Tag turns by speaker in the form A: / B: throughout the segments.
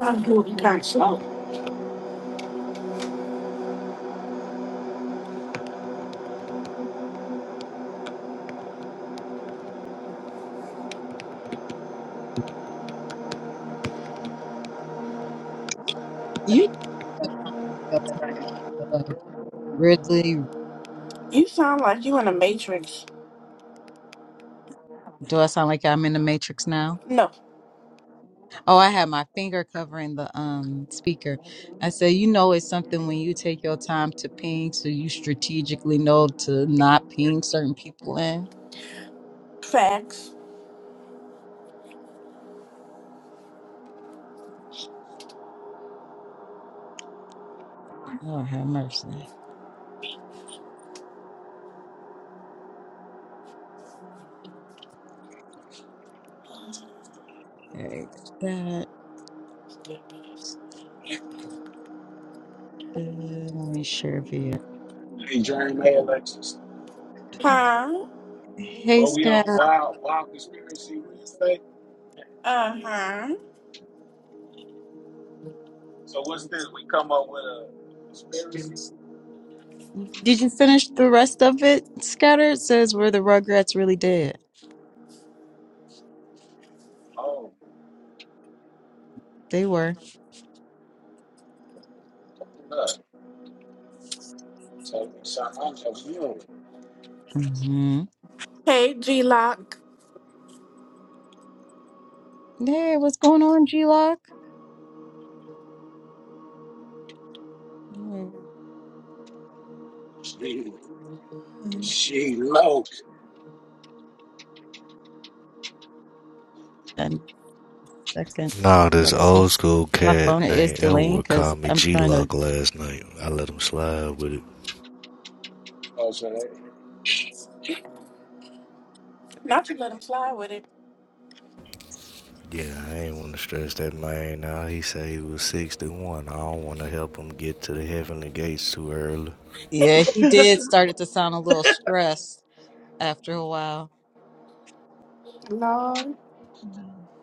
A: I'm doing console.
B: You know, like Ridley.
A: You sound like you in a matrix.
B: Do I sound like I'm in the Matrix now?
A: No.
B: Oh, I had my finger covering the um speaker. I said, you know, it's something when you take your time to ping, so you strategically know to not ping certain people in.
A: Facts.
B: Lord have mercy. Okay, that. uh, let me share via.
C: Hey, Dream, hey, Alexis.
A: Huh?
B: Hey,
C: Well, we on
B: Scatter.
C: Wild Wild Conspiracy Wednesday.
A: Uh-huh.
C: So what's this? We come up with a conspiracy.
B: Did you finish the rest of it? Scatter It says, "Were the Rugrats really dead?
C: Oh,
B: They were."
C: hold up. Tell me something I'm telling you.
B: hmm
A: Hey, G-Lock.
B: Yeah, what's going on, G Lock?
C: She, she low.
B: And second,
D: Nah, this old
B: Alexis.
D: school
B: My
D: cat
B: phone is
D: named
B: delaying
D: Elwood
B: because
D: called me
B: I'm
D: G
B: trying to.
D: Lock last night. I let him slide with it.
C: Oh, so they,
A: Not to let him slide with it.
D: Yeah, I ain't want to stress that man Now He say he was 61. I don't want to help him get to the heavenly gates too early.
B: Yeah, he did started to sound a little stressed after a while.
A: Lord.
E: No.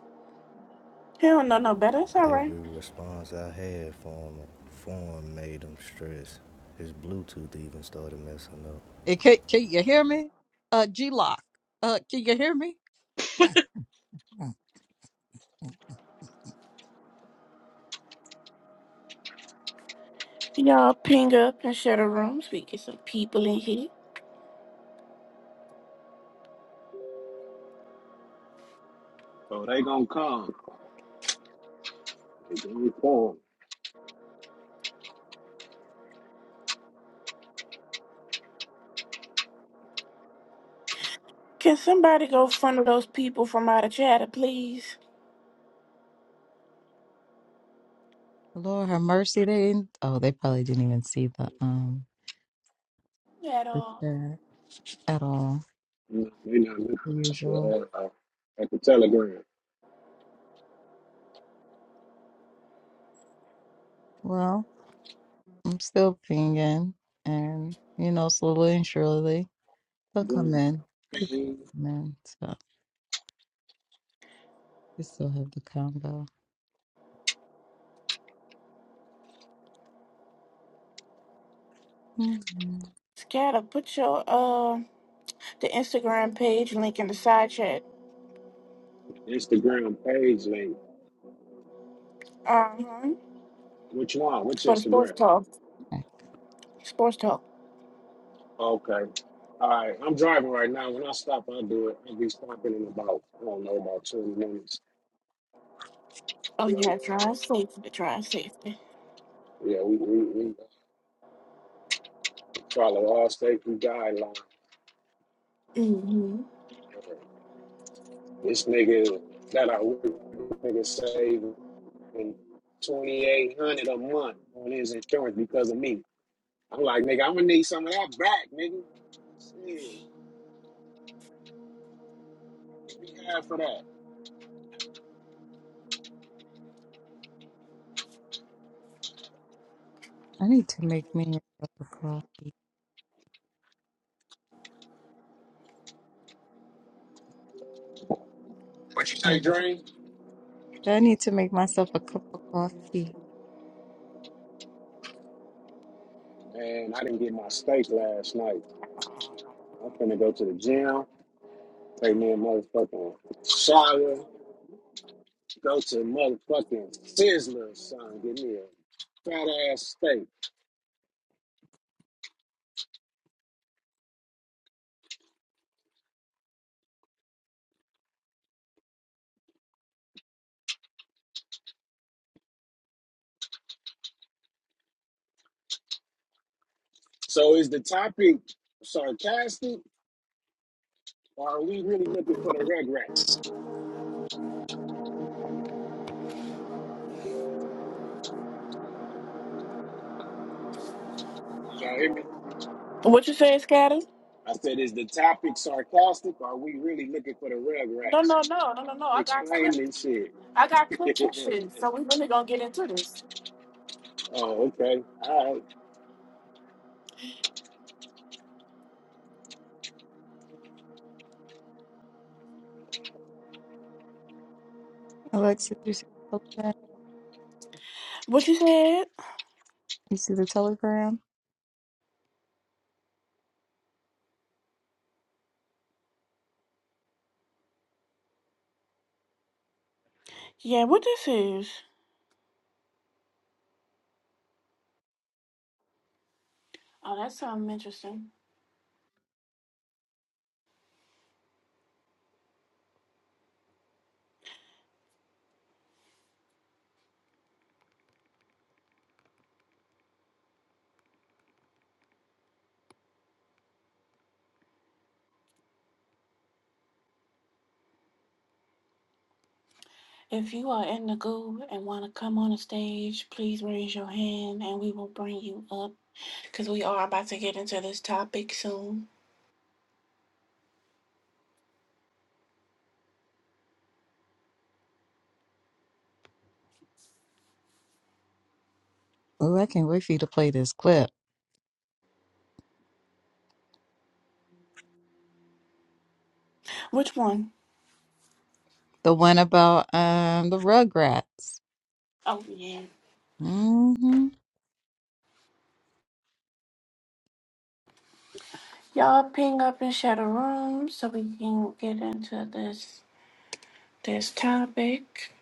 A: He don't know no better. It's all right.
D: Every response I had from him, form made him stress. His Bluetooth even started messing up.
B: It, can, can you hear me? Uh, G Lock. Uh, can you hear me? Mm, mm.
A: Y'all ping up and share the room so we get some people in here.
C: oh, they gonna come. They gonna come.
A: Can somebody go funnel those people from out of chatter, please?
B: Lord have mercy. They didn't, oh, they probably didn't even see the um
A: At
B: the
A: all.
B: chat at all.
C: No, they not looking
B: the
C: at the,
B: Usual.
C: uh, uh, at the Telegram.
B: Well, I'm still pinging, and you know, slowly and surely they'll come
C: Boom.
B: in. People
C: Ping.
B: come in, so we still have the combo. Mhm.
A: Scatter, put your, uh, the Instagram page link in the side chat.
C: Instagram page link.
A: Uh-huh.
C: Which one? Which
A: For the sports
C: Instagram?
A: talk.
B: I
A: Sports talk.
C: Okay. All right. I'm driving right now. When I stop, I'll do it. I'll be stopping in about, I don't know, about 20 minutes.
A: Oh
C: Um,
A: yeah, drive safely, drive safely.
C: yeah, we, we, we uh, follow all safety guidelines.
A: hmm
C: This nigga that I work with, this nigga saving 2800 a month on his insurance because of me. I'm like, nigga, I'm going to need some of that back, nigga. Shit, give me half for that.
B: I need to make me a cup of coffee.
C: What you say,
B: Maybe.
C: Dream?
B: I need to make myself a cup of coffee.
C: Man, I didn't get my steak last night. I'm finna go to the gym. Take me a motherfucking shower, go to motherfucking Sizzler, son, give me a fat ass steak. So is the topic sarcastic or are we really looking for the Rugrats? Did y'all hear me?
A: What you say, Scatter?
C: I said, is the topic sarcastic or are we really looking for the
A: No,
C: Rugrats?
A: no, no, no, no, no. I got
C: Explain
A: clips.
C: this shit.
A: I got clips and shit. So we really gonna get into this.
C: oh, okay. All right.
B: Alexa, you see the telegram?
A: What you said?
B: You see the telegram?
A: Yeah, what this is? Oh, that's something interesting. If you are in the goo and want to come on the stage, please raise your hand and we will bring you up because we are about to get into this topic soon.
B: Oh, I can't wait for you to play this clip.
A: Which one?
B: The one about um the Rugrats.
A: Oh yeah.
B: hmm
A: Y'all ping up and share the room so we can get into this. this topic.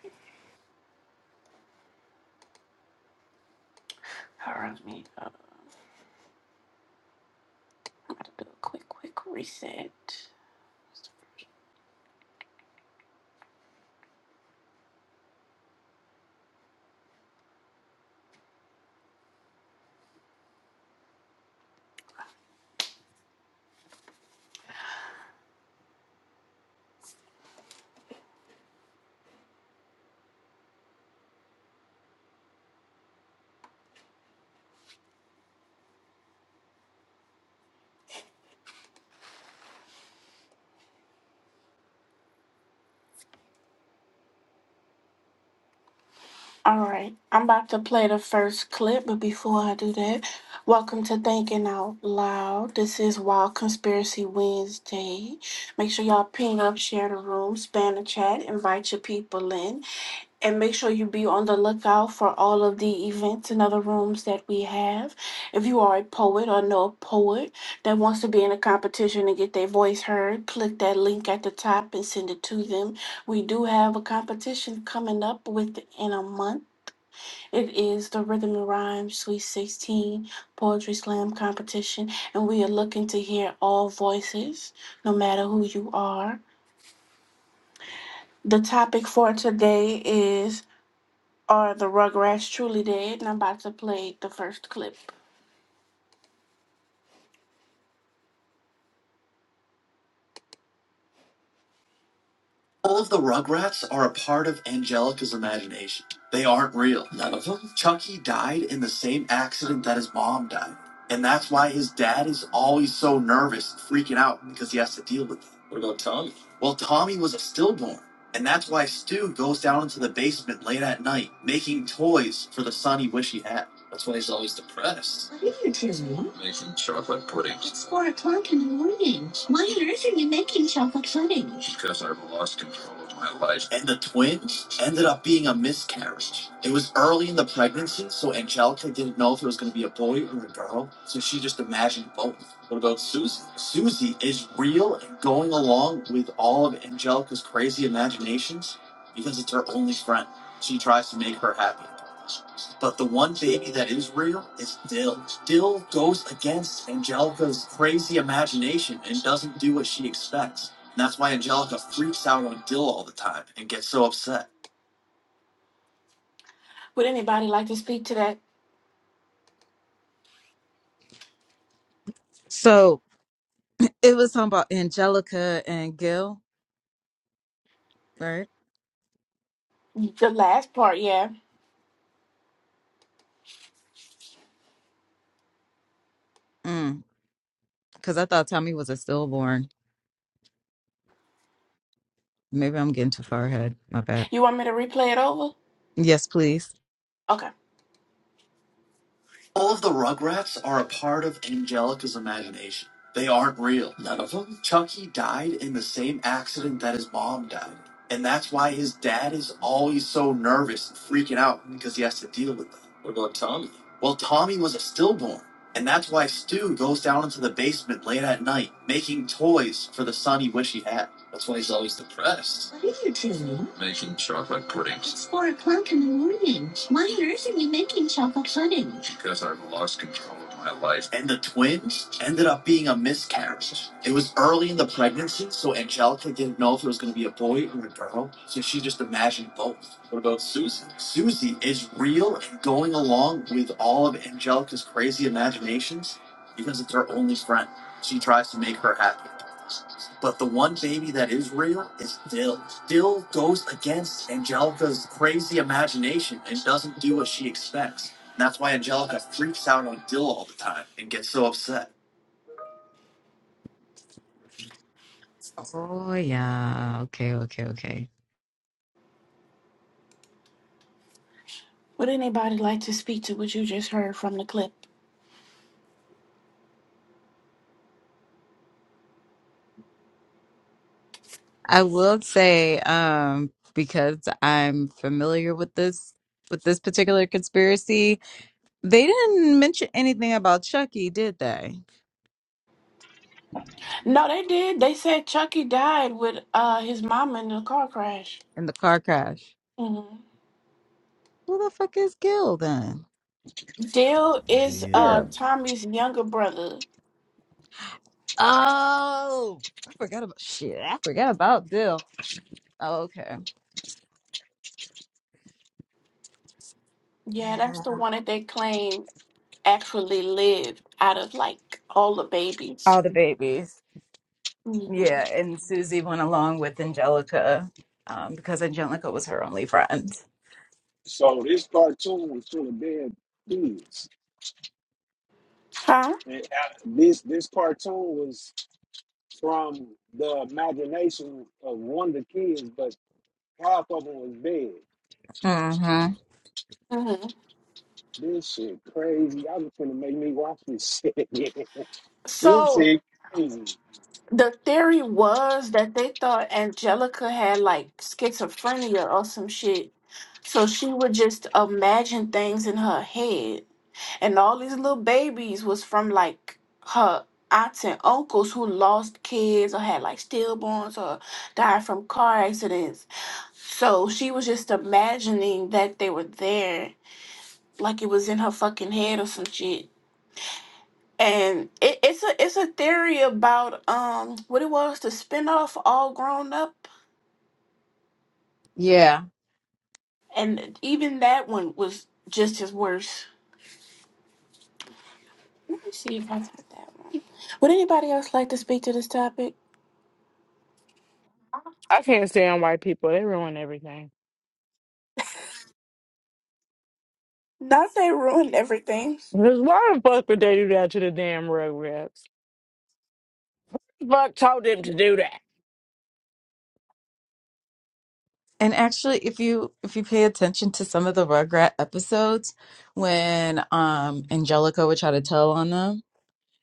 A: All right, let me uh, I'm about to do a quick, quick reset. All right, I'm about to play the first clip, but before I do that, welcome to Thinking Out Loud. This is Wild Conspiracy Wednesday. Make sure y'all ping up, share the room, span the chat, invite your people in. and make sure you be on the lookout for all of the events and other rooms that we have. If you are a poet or know a poet that wants to be in a competition and get their voice heard, click that link at the top and send it to them. We do have a competition coming up within a month. It is the Rhythm and Rhyme Sweet 16 Poetry Slam competition, and we are looking to hear all voices, no matter who you are. The topic for today is Are the Rugrats truly dead? And I'm about to play the first clip. All of the Rugrats are a part of Angelica's imagination. They aren't real. None of them. Chucky died in the same accident that his mom died. And that's why his dad is always so nervous and freaking out because he has to deal with it. What about- Well, Tommy was a stillborn. And that's why Stu goes down into the basement late at night, making toys for the son he wish he had. That's why he's always depressed. I think it is one. It's four o'clock in the morning. Why on earth are you making chocolate pudding? miscarriage, and the twins ended up being a miscarriage. It was early in the pregnancy, so Angelica didn't know if it was going to be a boy or a girl, so she just imagined both. What about Susie? Susie is real and going along with all of Angelica's crazy imaginations because it's her only friend. She tries to make her happy. But the one baby that is real is Dill. Dill goes against Angelica's crazy imagination and doesn't do what she expects. That's why Angelica freaks out on Dill all the time and gets so upset. Would anybody like to speak to that
B: So it was something about Angelica and Gil, right?
A: the last part? Yeah.
B: Mm. Because I thought Tommy was a stillborn. Maybe I'm getting too far ahead. My bad.
A: You want me to replay it over?
B: Yes, please.
A: Okay. All of the Rugrats are a part of Angelica's imagination. They aren't real. None of them? Chucky died in the same accident that his mom died. in. And that's why his dad is always so nervous and freaking out because he has to deal with that. What about Tommy? Well, Tommy was a stillborn. And that's why Stu goes down into the basement late at night, making toys for the son he wished he had. That's why he's always depressed. What are you doing? It's four o'clock in the morning. Why on earth are you making chocolate pudding? boys, and the twins ended up being a miscarriage. It was early in the pregnancy, so Angelica didn't know if it was going to be a boy or a girl, so she just imagined both. What about Susie? Susie is real and going along with all of Angelica's crazy imaginations because it's her only friend. She tries to make her happy. But the one baby that is real is still still goes against Angelica's crazy imagination and doesn't do what she expects. And that's why Angelica freaks out on Dill all the time and gets so upset.
B: Oh yeah. Okay. Okay. Okay.
A: Would anybody like to speak to what you just heard from the clip?
B: I will say, um, because I'm familiar with this with this particular conspiracy, they didn't mention anything about Chucky, did they?
A: No, they did. They said Chucky died with uh, his mom in a car crash.
B: In the car crash.
A: hmm
B: Who the fuck is Gil then?
A: Dale is uh,
D: Deal.
B: Dill.
A: Tommy's younger brother.
B: Oh, I forgot about shit. I forgot about Dill. Oh, okay.
A: Yeah, that's
B: Yeah.
A: the one that they claim actually lived out of like all the
B: All
A: babies.
B: the babies.
A: hmm
B: Yeah, and Susie went along with Angelica um, because Angelica was her only friend.
C: So this cartoon was full of dead kids.
A: Huh?
C: And uh, this this cartoon was from the imagination of one of the kids, but half of them was dead.
B: Mm-hmm.
A: hmm
C: This shit crazy. I was gonna make me watch this shit This
A: So
C: shit crazy.
A: the theory was that they thought Angelica had like schizophrenia or some shit. So she would just imagine things in her head. And all these little babies was from like her aunts and uncles who lost kids or had like stillborns or died from car accidents. So she was just imagining that they were there like it was in her fucking head or some shit. And it, it's a it's a theory about um what it was the spinoff all grown up,
B: Yeah.
A: and even that one was just as worse. Let me see if I got that one. Would anybody else like to speak to this topic?
F: I can't stand white people. They ruin everything.
A: Not they ruined everything.
F: 'Cause Why the fuck would they do that to the damn rugrats. Fuck told them to do that.
B: And actually if you if you pay attention to some of the Rugrat episodes when um Angelica would try to tell on them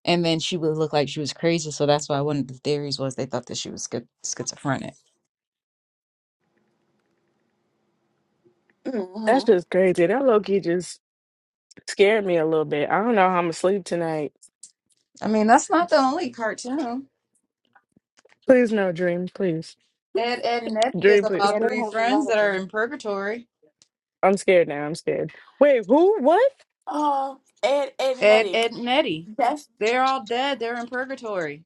B: and then she would look like she was crazy, so that's why one of the theories was they thought that she was schi- schizophrenic.
F: That's
A: Mm-hmm.
F: just crazy. That low key just scared me a little bit. I don't know how I'm asleep tonight.
B: I mean, that's not the only cartoon.
F: Please no dream, please.
B: Ed, Ed, and Eddie is
F: Dream, please.
B: about
G: Yeah, they
B: three
G: have a
B: friends
G: lot
B: that
G: of
B: are
G: them.
B: in purgatory.
F: I'm scared now. I'm scared. Wait, who? What?
A: Uh, Ed, Ed, and
B: Ed,
A: Eddie.
B: Ed, and Eddie.
A: That's
B: They're all dead. They're in purgatory.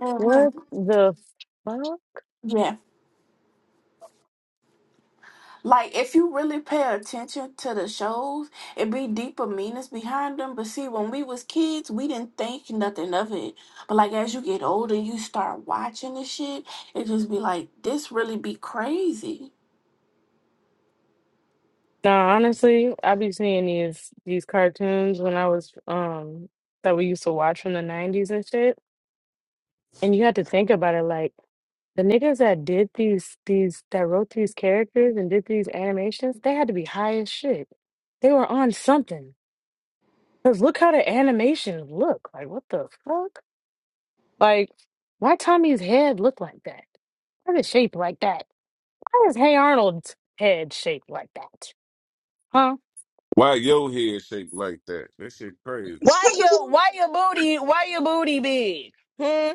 A: hmm
F: What the fuck?
A: yeah. Like if you really pay attention to the shows, it be deeper meanings behind them. But see, when we was kids, we didn't think nothing of it. But like as you get older, you start watching the shit. It just be like, this really be crazy.
F: No, honestly, I be seeing these these cartoons when I was um that we used to watch from the nineties and shit. And you had to think about it like the niggas that did these these that wrote these characters and did these animations, they had to be high as shit. They were on something. Cause look how the animations look. Like what the fuck? Like why Tommy's head look like that? Why is it shaped like that? Why is Hey Arnold's head shaped like that? Huh?
H: Why your head shaped like that? That shit crazy.
F: Why your why your booty why your booty big? Hmm?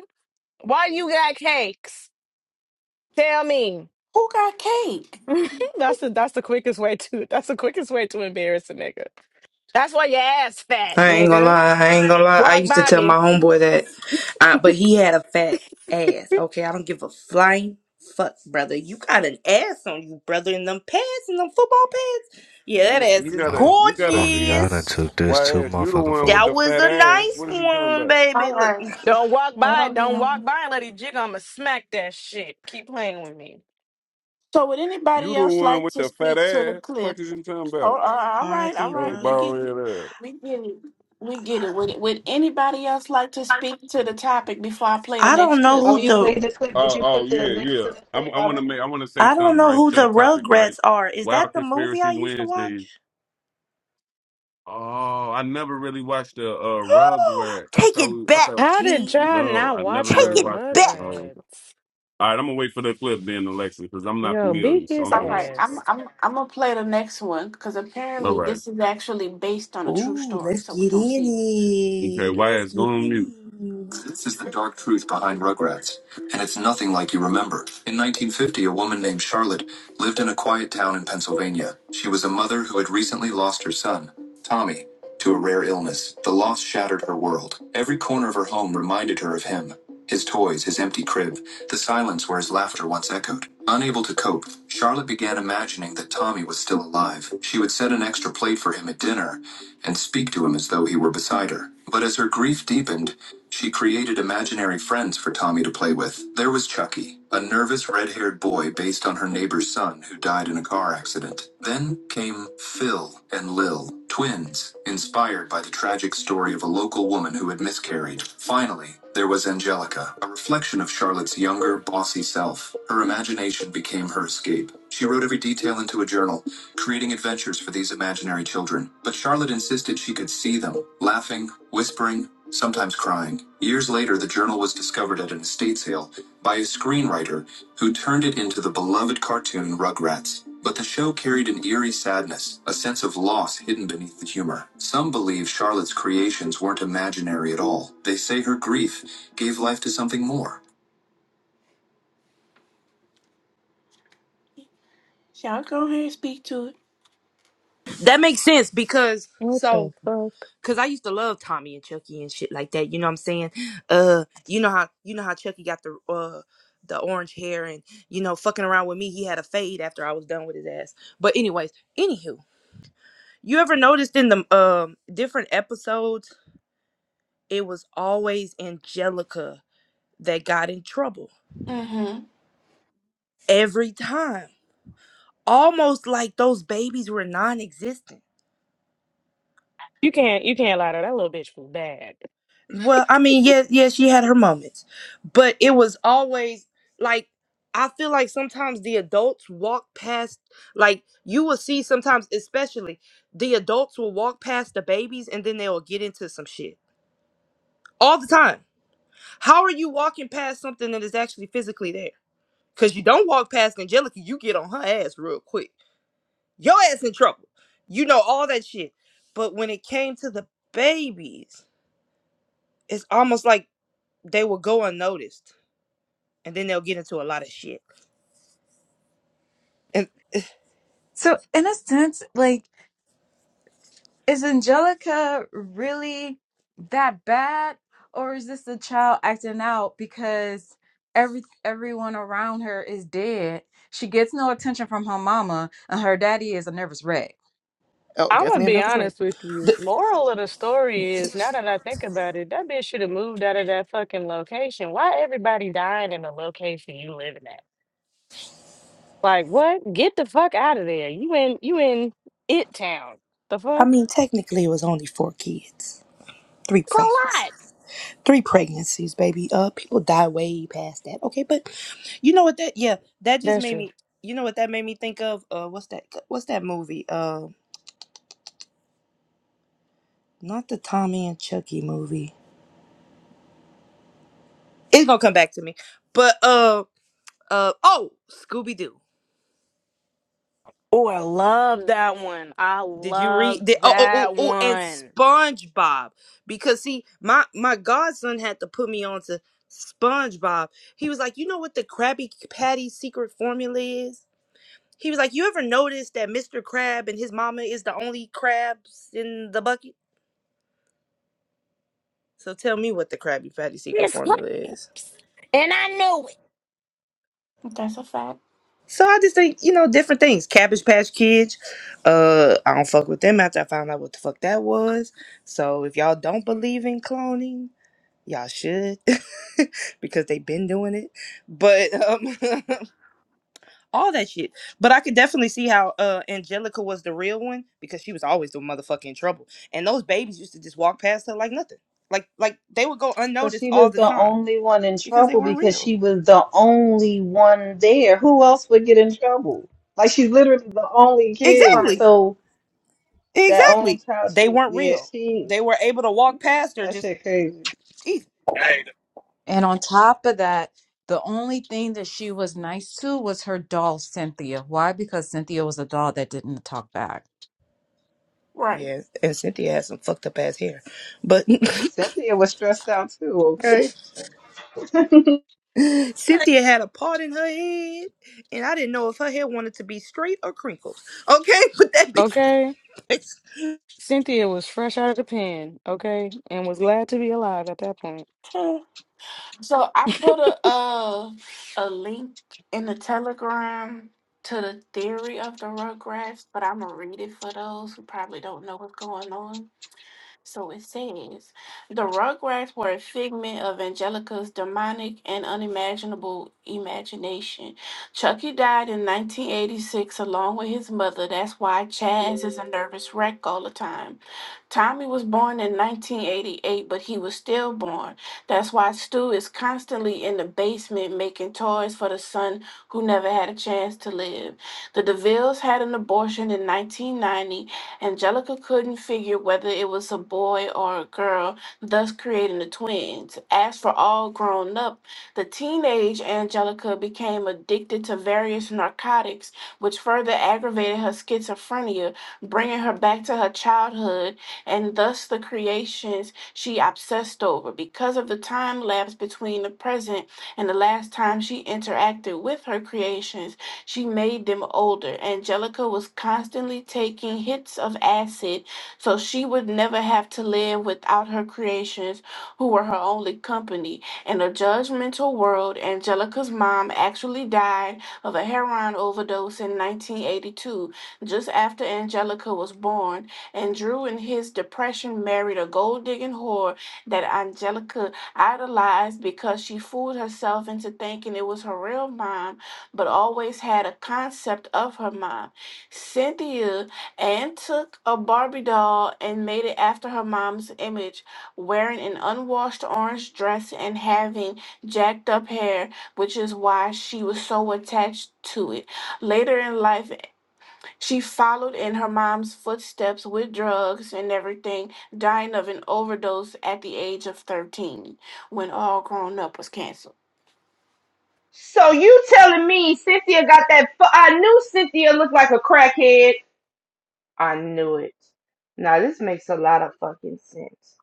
F: Why you got cakes? Tell me.
A: Who got cake?
F: that's the that's the quickest way to that's the quickest way to embarrass a nigga. That's why your ass fat,
I: I ain't gonna
F: nigga.
I: lie. I ain't gonna lie. I
F: Walk
I: used to
F: by
I: tell my
F: me.
I: homeboy that, uh, but he had a fat ass. Okay, I don't give a flying fuck, brother. You got an ass on you, brother, in them pants, in them football pants.
H: You
I: Yeah, that
H: got-
I: ass
H: you
I: is
H: gotta,
D: Oh,
H: you gotta.
D: oh yeah, I done
I: gorgeous.
D: took this
H: Why
D: too
H: ass? You the
D: motherfucking
H: one with
D: far.
I: That
H: the
I: was
H: fat
I: a
H: ass.
I: nice
H: What is you talking
I: one,
H: about?
I: baby.
A: All
I: Look,
A: right,
F: Don't walk
A: hold
F: by.
A: on,
F: Don't
A: yeah.
F: walk by and let it jig. I'ma smack that shit. Keep playing with me.
A: So would
H: You
A: anybody
H: the
A: else
H: one
A: like
H: with
A: to
H: the fat
A: speak to the
H: ass. What
A: clip?
H: is you talking about?
A: Hold, uh, all
I: are
A: right, all
I: the
H: Oh,
A: right, we
I: rug?
H: bald
A: get it,
H: head
A: we get it, we get it. Would would anybody else like to speak
H: ass.
A: to the topic before I play the
I: I
A: next
I: don't know
A: clip?
J: Oh,
I: who
J: you
I: the
J: played the clip. Did
H: Oh,
J: you
H: oh
J: put the
H: yeah,
J: link for
H: yeah.
J: the
H: I,
J: clip
H: I want to
J: already?
H: make. I want to say
I: I don't
H: something
I: know
H: right
I: who
H: to the
I: the
H: topic. Right.
I: Rugrats are. Is that
H: Wild
I: the movie
H: conspiracy
I: I used to
H: Wednesday.
I: watch?
H: Oh, I never really watched the uh, Rugrats. I
I: Take it
H: thought. I
I: back,
H: thought.
F: How did
I: G.
F: John
H: No,
F: not
H: I
F: watch
H: never
F: the
I: Take
H: really
I: it
H: watched
I: back.
H: it.
F: Rugrats?
H: All right, I'm gonna wait for the clip then, Alexa, because I'm not
F: Yo, beat
H: familiar, so
F: his
H: I'm
A: All
H: gonna
A: right,
H: listen.
A: I'm
F: ass.
A: I'm I'm gonna play the next one because
H: All
A: apparently
H: right.
A: this is actually based on a true
I: Ooh,
A: story.
I: let's
A: So we're
I: get
A: gonna
I: in
A: see
H: Okay,
I: it.
H: why
I: Let's
H: is
I: get
H: going on mute?
I: in it.
A: this is the dark truth behind Rugrats, and it's nothing like you remember. In 1950, a woman named Charlotte lived in a quiet town in Pennsylvania. She was a mother who had recently lost her son, Tommy, to a rare illness. The loss shattered her world. Every corner of her home reminded her of him his toys, his empty crib, the silence where his laughter once echoed. Unable to cope, Charlotte began imagining that Tommy was still alive. She would set an extra plate for him at dinner and speak to him as though he were beside her. But as her grief deepened, she created imaginary friends for Tommy to play with. There was Chucky, a nervous red haired boy based on her neighbor's son who died in a car accident. Then came Phil and Lil, twins, inspired by the tragic story of a local woman who had miscarried. Finally, there was Angelica, a reflection of Charlotte's younger, bossy self. Her imagination became her escape. She wrote every detail into a journal, creating adventures for these imaginary children. But Charlotte insisted she could see them, laughing, whispering, sometimes crying. Years later, the journal was discovered at an estate sale by a screenwriter who turned it into the beloved cartoon Rugrats. But the show carried an eerie sadness, a sense of loss hidden beneath the humor. Some believe Charlotte's creations weren't imaginary at all. They say her grief gave life to something more. Y'all go ahead and speak to it.
I: That makes sense because
F: What
I: so
F: the fuck?
I: because I used to love Tommy and Chucky and shit like that. You know what I'm saying? Uh, you know how you know how Chucky got the uh the orange hair and you know fucking around with me. He had a fade after I was done with his ass. But anyways, anywho, you ever noticed in the um different episodes it was always Angelica that got in trouble
A: Mm-hmm.
I: every time, almost like those babies were non-existent.
F: You can't you can't lie to her. that little bitch was bad.
I: Well, I mean, yes, yes, she had her moments, but it was always like I feel like sometimes the adults walk past, like you will see sometimes, especially the adults will walk past the babies and then they will get into some shit all the time. How are you walking past something that is actually physically there? Because you don't walk past Angelica, you get on her ass real quick. Your ass in trouble. You know all that shit. But when it came to the babies, it's almost like they will go unnoticed and then they'll get into a lot of shit. And
B: So, in a sense, like, is Angelica really that bad? Or is this the child acting out because every everyone around her is dead? She gets no attention from her mama, and her daddy is a nervous wreck.
I: oh,
F: I'm gonna
I: definitely a
F: be
I: nervous wreck.
F: honest with you. Moral of the story is, now that I think about it, that bitch should have moved out of that fucking location. Why everybody dying in the location you living Like, what? Get the fuck out of there. You in you in it town. The
I: I
F: fuck?
I: mean, technically, it was only four kids, three
F: It's a
I: pregnancies,
F: lot.
I: three pregnancies, baby. Uh, people die way past that. Okay, but you know what? That yeah, that just
F: That's
I: made
F: true.
I: me. You know what that made me think of? Uh, what's that? What's that movie? Uh, not the Tommy and Chucky movie. It's gonna come back to me. But uh uh oh, Scooby Doo.
F: Oh, I love that one. I
I: Did you
F: love
I: read? Did, oh, oh, oh,
F: that
I: oh, and
F: one.
I: SpongeBob. Because see, my my godson had to put me on to SpongeBob. He was like, you know what the Krabby Patty secret formula is? He was like, you ever noticed that Mr. Crab and his mama is the only crabs in the bucket? So tell me what the Krabby Patty secret
F: It's
I: formula
F: clean,
I: is.
F: and I know
A: That's a fact.
I: So I just think, you know, different things. Cabbage Patch Kids. Uh, I don't fuck with them after I found out what the fuck that was. So if y'all don't believe in cloning, y'all should because they've been doing it but um all that shit but i could definitely see how uh angelica was the real one because she was always the motherfucking trouble and those babies used to just walk past her like nothing like like they would go
J: But
I: unnoticed
J: she
I: all
J: was
I: the
J: the
I: time
J: only one in
I: because they
J: trouble
I: weren't
J: because
I: real
J: she was the only one there. Who else would get in trouble? Like she's literally the only kid.
A: Right.
I: exactly
J: So that only
I: exactly
J: child
I: they
J: should
I: weren't
J: yeah,
I: real
J: she
I: they were able to walk past her
J: that
I: just
J: shit crazy.
I: geez.
C: Hey.
B: And on top of that, the only thing that she was nice to was her doll, Cynthia. Why? Because Cynthia was a doll that didn't talk back.
A: Right.
I: yeah and cynthia has some fucked up ass hair but
J: Cynthia was stressed out too, Okay.
I: Cynthia had a part in her head, and I didn't know if her hair wanted to be straight or crinkled. Okay, but that
F: it.
I: bitch.
F: Okay. Cynthia was fresh out of the pen, okay, and was glad to be alive at that point.
A: So I put a uh, a link in the Telegram to the theory of the Rugrats, but I'm gonna read it for those who probably don't know what's going on. So it says the Rugrats were a figment of Angelica's demonic and unimaginable imagination. Chucky died in 1986 along with his mother. That's why Chaz is a nervous wreck all the time. Tommy was born in 1988, but he was stillborn. That's why Stu is constantly in the basement making toys for the son who never had a chance to live. The DeVilles had an abortion in 1990. Angelica couldn't figure whether it was a boy or a girl, thus creating the twins. As for all grown up, the teenage Angelica became addicted to various narcotics, which further aggravated her schizophrenia, bringing her back to her childhood and thus the creations she obsessed over. Because of the time lapse between the present and the last time she interacted with her creations, she made them older. Angelica was constantly taking hits of acid so she would never have to live without her creations, who were her only company. In a judgmental world, Angelica's mom actually died of a heroin overdose in 1982, just after Angelica was born and Drew, in his depression, married a gold digging whore that Angelica idolized because she fooled herself into thinking it was her real mom, but always had a concept of her mom. Cynthia and took a Barbie doll and made it after her mom's image, wearing an unwashed orange dress and having jacked up hair, which is why she was so attached to it. Later in life, she followed in her mom's footsteps with drugs and everything, dying of an overdose at the age of 13 when All Grown Up was canceled.
I: So you telling me Cynthia got that? Fu- I knew Cynthia looked like a crackhead. I knew it. Now this makes a lot of fucking sense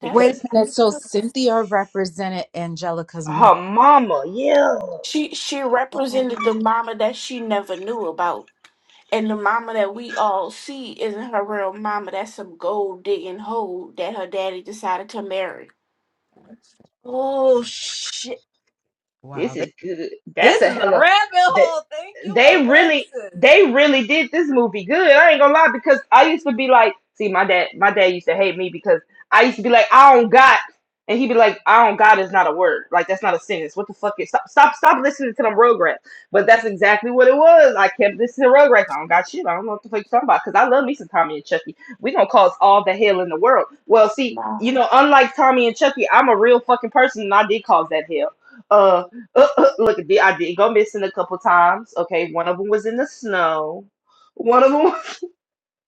A: That's
B: Wait
I: because
B: a minute. So Cynthia represented Angelica's mom.
I: her mama, yeah.
A: she she represented
B: Oh,
A: the mama that she never knew about. And the mama that we all see isn't her real mama. That's some gold digging hoe that her daddy decided to marry.
B: oh shit. Wow.
I: This
B: th-
I: is good. That's
B: This
I: a
B: is a
I: hella
B: rabbit
I: that
B: hole. Thank you,
I: they really
B: Alexis.
I: they really did this movie good. I ain't gonna lie because I used to be like, see my dad my dad used to hate me because I used to be like, I don't got and he'd be like, I don't got is not a word. Like that's not a sentence. What the fuck is stop stop stop listening to them Rugrats. But that's exactly what it was. I kept listening to Rugrats. I don't got shit. I don't know what the fuck you're talking about because I love me some Tommy and Chucky. We gonna cause all the hell in the world. Well see, you
A: Wow.
I: know, unlike Tommy and Chucky, I'm a real fucking person and I did cause that hell Uh. Look, I did I did go missing a couple times. Okay, one of them was in the snow. One of them,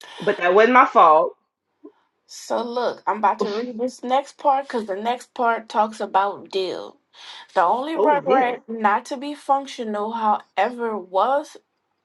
I: but that wasn't my fault.
A: So look, I'm about to read this next part because the next part talks about Dill. The only
I: Oh, damn.
A: regret not to be functional, however, was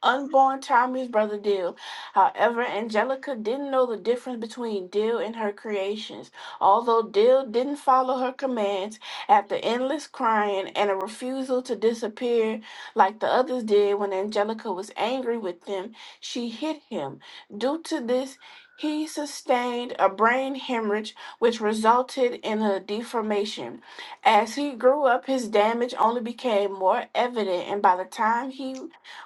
A: unborn Tommy's brother Dill. However, Angelica didn't know the difference between Dill and her creations. Although Dill didn't follow her commands after endless crying and a refusal to disappear like the others did when Angelica was angry with them, she hit him. Due to this, he sustained a brain hemorrhage, which resulted in a deformation. As he grew up, his damage only became more evident, and by the time he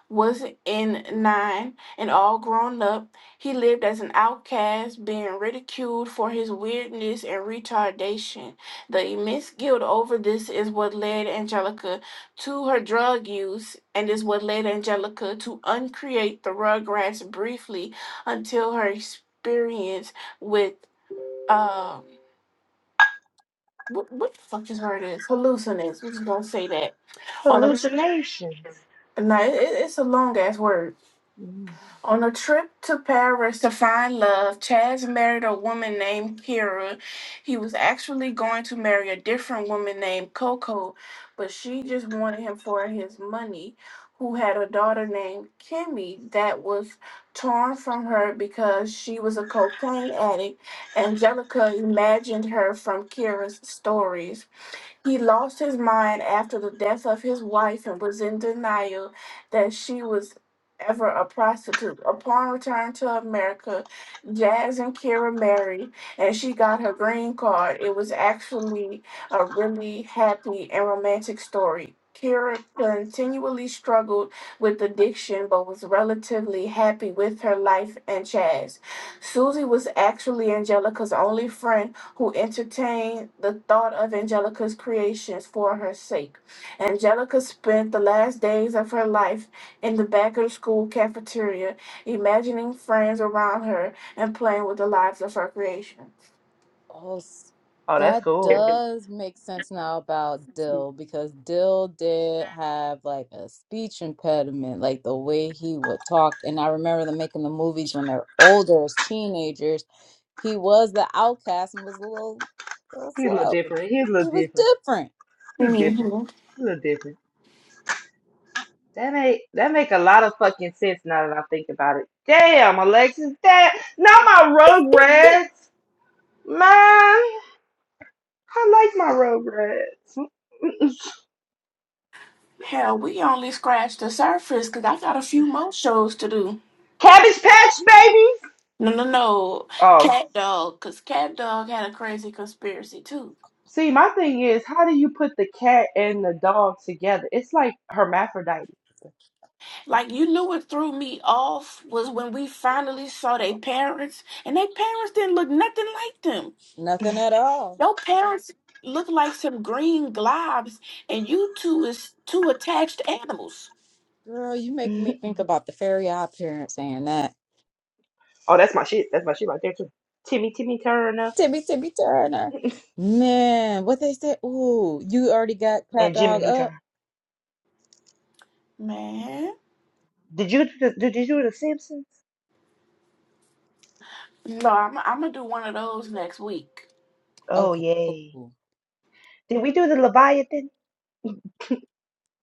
A: was in nine and all grown up, he lived as an outcast, being ridiculed for his weirdness and retardation. The immense guilt over this is what led Angelica to her drug use, and is what led Angelica to uncreate the Rugrats briefly until her experience with. Uh, what, what the fuck is word is? Hallucinates. We're just gonna say that. On a
I: Hallucinations.
A: no, it, it- it's a long ass word.
I: Mm.
A: On a trip to Paris to find love, Chaz married a woman named Kira. He was actually going to marry a different woman named Coco, but she just wanted him for his money. Who had a daughter named Kimmy that was torn from her because she was a cocaine addict. Angelica imagined her from Kira's stories. He lost his mind after the death of his wife and was in denial that she was ever a prostitute. Upon return to America, Jazz and Kira married and she got her green card. It was actually a really happy and romantic story. Kira continually struggled with addiction but was relatively happy with her life and Chaz. Susie was actually Angelica's only friend who entertained the thought of Angelica's creations for her sake. Angelica spent the last days of her life in the back of the school cafeteria, imagining friends around her and playing with the lives of her creations.
B: Oh, s-
I: Oh, that's
B: that
I: cool.
B: does make sense now about Dill because Dill did have like a speech impediment, like the way he would talk. And I remember them making the movies when they're older as teenagers. He was the outcast and was a little, little
I: He's a little
B: slow.
I: different. He's a
B: He
I: little
B: was
I: different.
B: different.
I: He's different.
A: Mhm.
I: He's a little different. That make that make a lot of fucking sense now that I think about it. Damn, Alexis, that not my Rugrats, man. I like my Rugrats.
A: Hell, we only scratched the surface because I got a few more shows to do.
I: Cabbage Patch, baby.
A: No, no, no.
I: Oh.
A: Cat Dog, because Cat Dog had a crazy conspiracy too.
I: See, my thing is, how do you put the cat and the dog together? It's like hermaphrodite.
A: Like you knew what threw me off was when we finally saw their parents, and their parents didn't look nothing like them.
B: Nothing at all.
A: Their parents look like some green globs, and you two is two attached animals.
B: Girl, you make me
I: oh,
B: think about the fairy odd parent saying that.
I: that's my shit. That's my shit right there too. Timmy, Timmy Turner,
B: Timmy, Timmy Turner. Man, what they said. Ooh, you already got cat
I: and Jimmy
B: dog up?
I: Neutron.
A: Man,
I: Did you do the, did you do the Simpsons?
A: no, I'm I'm gonna do one of those next week.
I: Oh
B: Okay,
I: yay!
B: cool.
I: Did we do the Leviathan?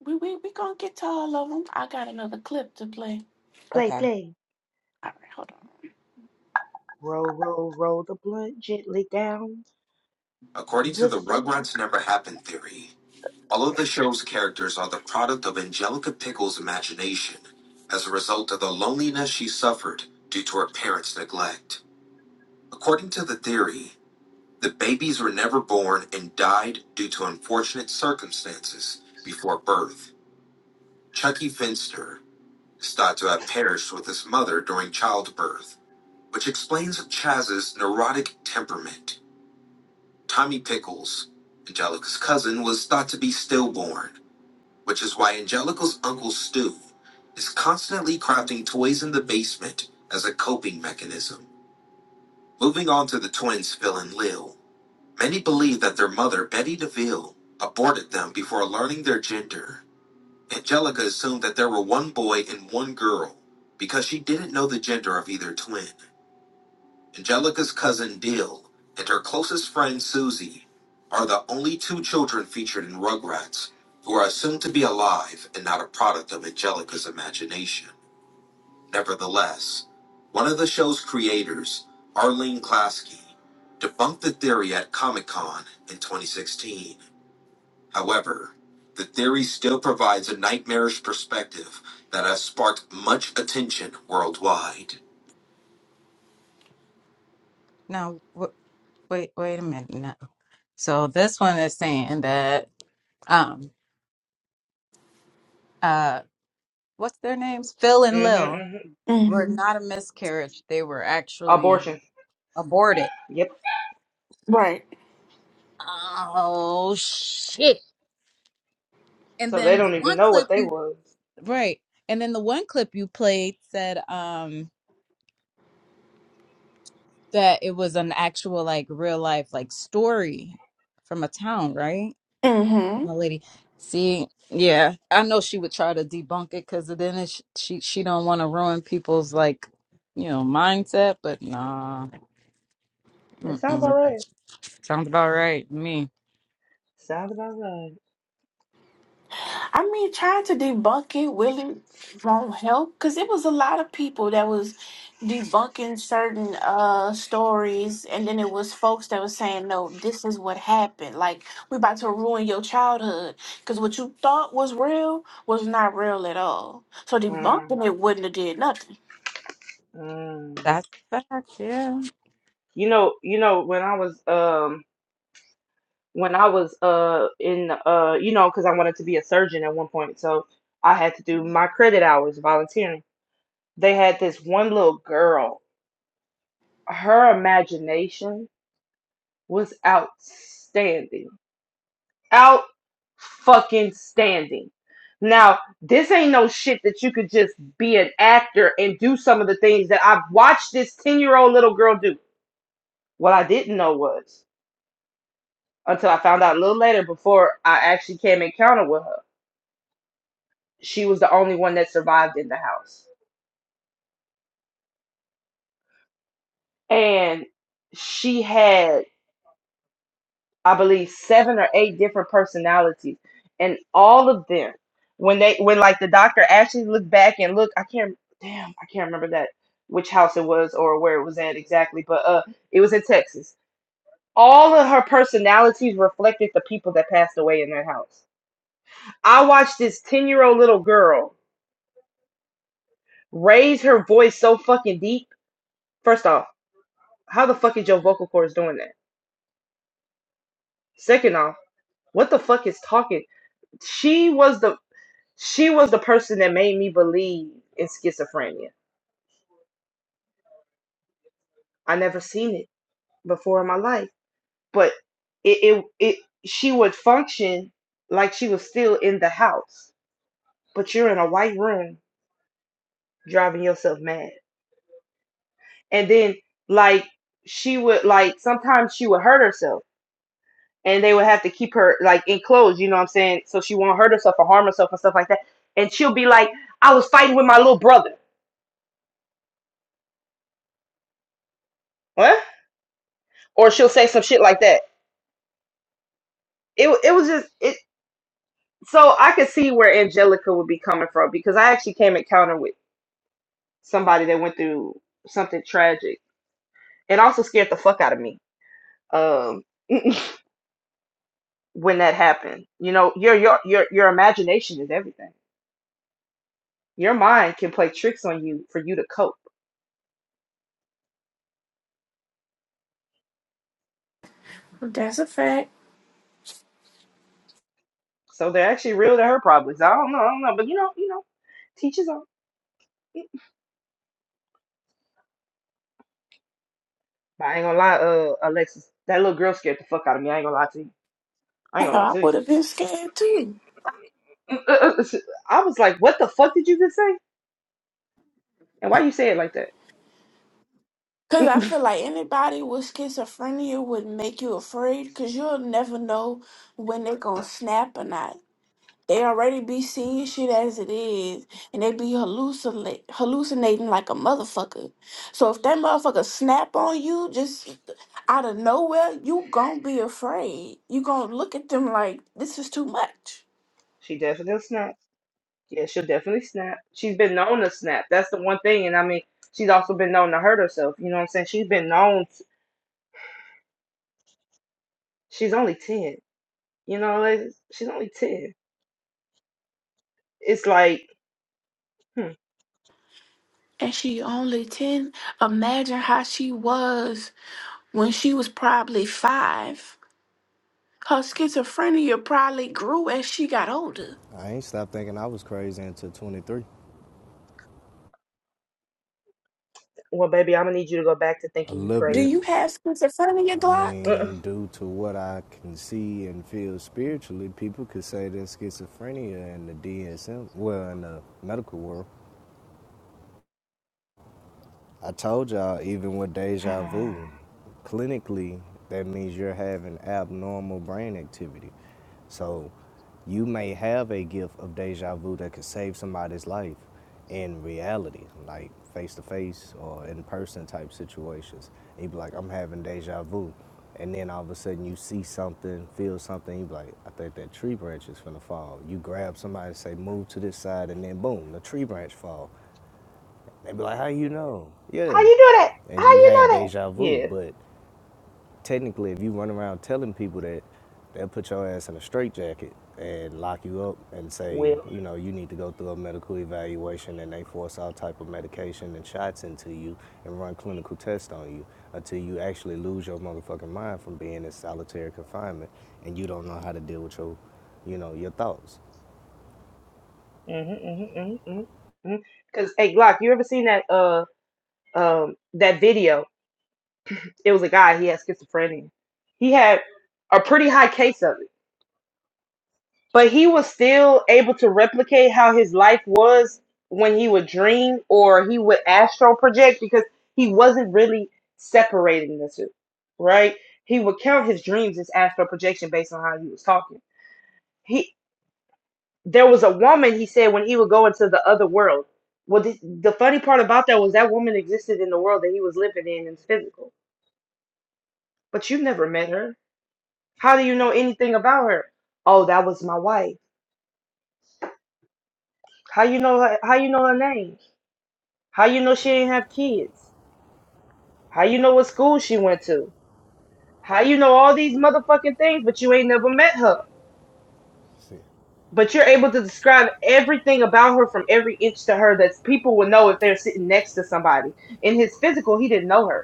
A: We we we gonna get to all of them. I got another clip to play.
I: Play
B: Okay.
I: play.
A: All right, hold
I: Roll, roll, roll the blunt gently down.
A: on. According to
I: The
A: the
I: street.
A: Rugrats Never Happened theory, All of the show's characters are the product of Angelica Pickle's imagination as a result of the loneliness she suffered due to her parents' neglect. According to the theory, the babies were never born and died due to unfortunate circumstances before birth. Chucky Finster is thought to have perished with his mother during childbirth, which explains Chaz's neurotic temperament. Tommy Pickles, Angelica's cousin, was thought to be stillborn which is why Angelica's Uncle Stu is constantly crafting toys in the basement as a coping mechanism. Moving on to the twins Phil and Lil, many believe that their mother, Betty DeVille, aborted them before learning their gender. Angelica assumed that there were one boy and one girl because she didn't know the gender of either twin. Angelica's cousin Dill and her closest friend Susie are the only two children featured in Rugrats who are assumed to be alive and not a product of Angelica's imagination. Nevertheless, one of the show's creators, Arlene Klasky, debunked the theory at Comic Con in 2016. However, the theory still provides a nightmarish perspective that has sparked much attention worldwide.
B: Now, w- wait, wait a minute. Now. So this one is saying that um uh what's their names? Phil and Lil
I: Mm-hmm, hmm
B: were
A: hmm
B: not a miscarriage. They were actually
I: Abortion.
B: aborted.
I: Yep.
A: Right.
B: Oh shit. And
I: So they
B: then the
I: don't even
B: one
I: know what
B: clip
I: they
B: you
I: was.
B: Right. And then the one clip you played said um that it was an actual like real life like story from a town, right?
A: hmm
B: from the lady. See, yeah, I know she would try to debunk it because then it, sh- she she don't want to ruin people's like you know mindset. But nah,
I: It sounds about
B: mm-mm.
I: right.
B: sounds about right. to Me,
I: Sounds about right.
A: I mean, trying to debunk it really won't help because it was a lot of people that was debunking certain uh stories, and then it was folks that was saying, "No, this is what happened. Like we about to ruin your childhood because what you thought was real was not real at all." So
I: Mm,
A: debunking it wouldn't have did nothing.
I: mm.
B: that's a fact. Yeah.
I: You know, you know, when I was um when I was uh in uh you know, because I wanted to be a surgeon at one point, so I had to do my credit hours volunteering. They had this one little girl. Her imagination was outstanding. Out fucking standing. Now, this ain't no shit that you could just be an actor and do some of the things that I've watched this 10-year-old little girl do. What I didn't know was until I found out a little later before I actually came encounter with her. She was the only one that survived in the house. And she had, I believe, seven or eight different personalities. And all of them, when they when like the doctor actually looked back and looked, I can't damn, I can't remember that which house it was or where it was at exactly, but uh it was in Texas. All of her personalities reflected the people that passed away in that house. I watched this 10 year old little girl raise her voice so fucking deep. First off, how the fuck is your vocal cords doing that? Second off, what the fuck is talking? She was the she was the person that made me believe in schizophrenia. I never seen it before in my life, but it it, it she would function like she was still in the house, but you're in a white room driving yourself mad. And then like she would like sometimes she would hurt herself and they would have to keep her like enclosed, you know what I'm saying? So she won't hurt herself or harm herself and stuff like that. And she'll be like, I was fighting with my little brother. What? Or she'll say some shit like that. It it was just it so I could see where Angelica would be coming from because I actually came encounter with somebody that went through something tragic and also scared the fuck out of me. Um when that happened. You know, your your your your imagination is everything. Your mind can play tricks on you for you to cope.
A: That's a fact.
I: So they're actually real to her probably. So I don't know, I don't know. But you know, you know, teachers on. But I ain't gonna lie, uh, Alexis, that little girl scared the fuck out of me. I ain't gonna lie to you. I ain't
A: Hell,
I: gonna lie
A: I would have been scared too.
I: to you. I was like, what the fuck did you just say? And why you say it like that?
A: Cause I feel like anybody with schizophrenia would make you afraid. Cause you'll never know when they're gonna snap or not. They already be seeing shit as it is, and they be hallucinate, hallucinating like a motherfucker. So if that motherfucker snap on you just out of nowhere, you gonna be afraid. You gonna look at them like this is too much.
I: She definitely snap. Yeah, she'll definitely snap. She's been known to snap. That's the one thing. And I mean, she's also been known to hurt herself. You know what I'm saying? She's been known. To, she's only 10. You know, like, she's only 10. It's like, hmm,
A: And she only ten. Imagine how she was when she was probably five. Her schizophrenia probably grew as she got older.
D: I ain't stopped thinking I was crazy until 23.
I: well, baby, I'm going to need you to go back to
D: A
I: thinking you
D: little
A: Do
D: bit.
I: crazy.
A: you have schizophrenia,
D: I
A: Glock?
D: mean, due to what I can see and feel spiritually, people could say that schizophrenia in the DSM, well, in the medical world, I told y'all, even with deja
I: Uh-uh.
D: vu, clinically, that means you're having abnormal brain activity. So you may have a gift of deja vu that could save somebody's life in reality, like face to face or in person type situations. And you be like, I'm having deja vu. And then all of a sudden you see something, feel something, you be like, I think that tree branch is gonna fall. You grab somebody, say, move to this side, and then boom, the tree branch fall. They'd be like, how you know? Yeah.
I: How you do that? How
D: And you
I: you
D: had
I: know that?
D: deja vu.
I: Yeah,
D: But technically, if you run around telling people that, they'll put your ass in a straitjacket and lock you up and say,
I: will.
D: you know, you need to go through a medical evaluation and they force all type of medication and shots into you and run clinical tests on you until you actually lose your motherfucking mind from being in solitary confinement and you don't know how to deal with your, you know, your thoughts.
I: Mm-hmm, hmm hmm Cause hey, Glock, you ever seen that uh um that video? It was a guy. He had schizophrenia. He had a pretty high case of it, but he was still able to replicate how his life was when he would dream or he would astral project because he wasn't really separating the two, right? He would count his dreams as astral projection based on how he was talking. He there was a woman he said when he would go into the other world well the, the funny part about that was that woman existed in the world that he was living in in physical but you never met her how do you know anything about her oh that was my wife how you know her, how you know her name how you know she didn't have kids how you know what school she went to how you know all these motherfucking things but you ain't never met her
D: See,
I: but you're able to describe everything about her from every inch to her that people would know if they're sitting next to somebody in his physical he didn't know her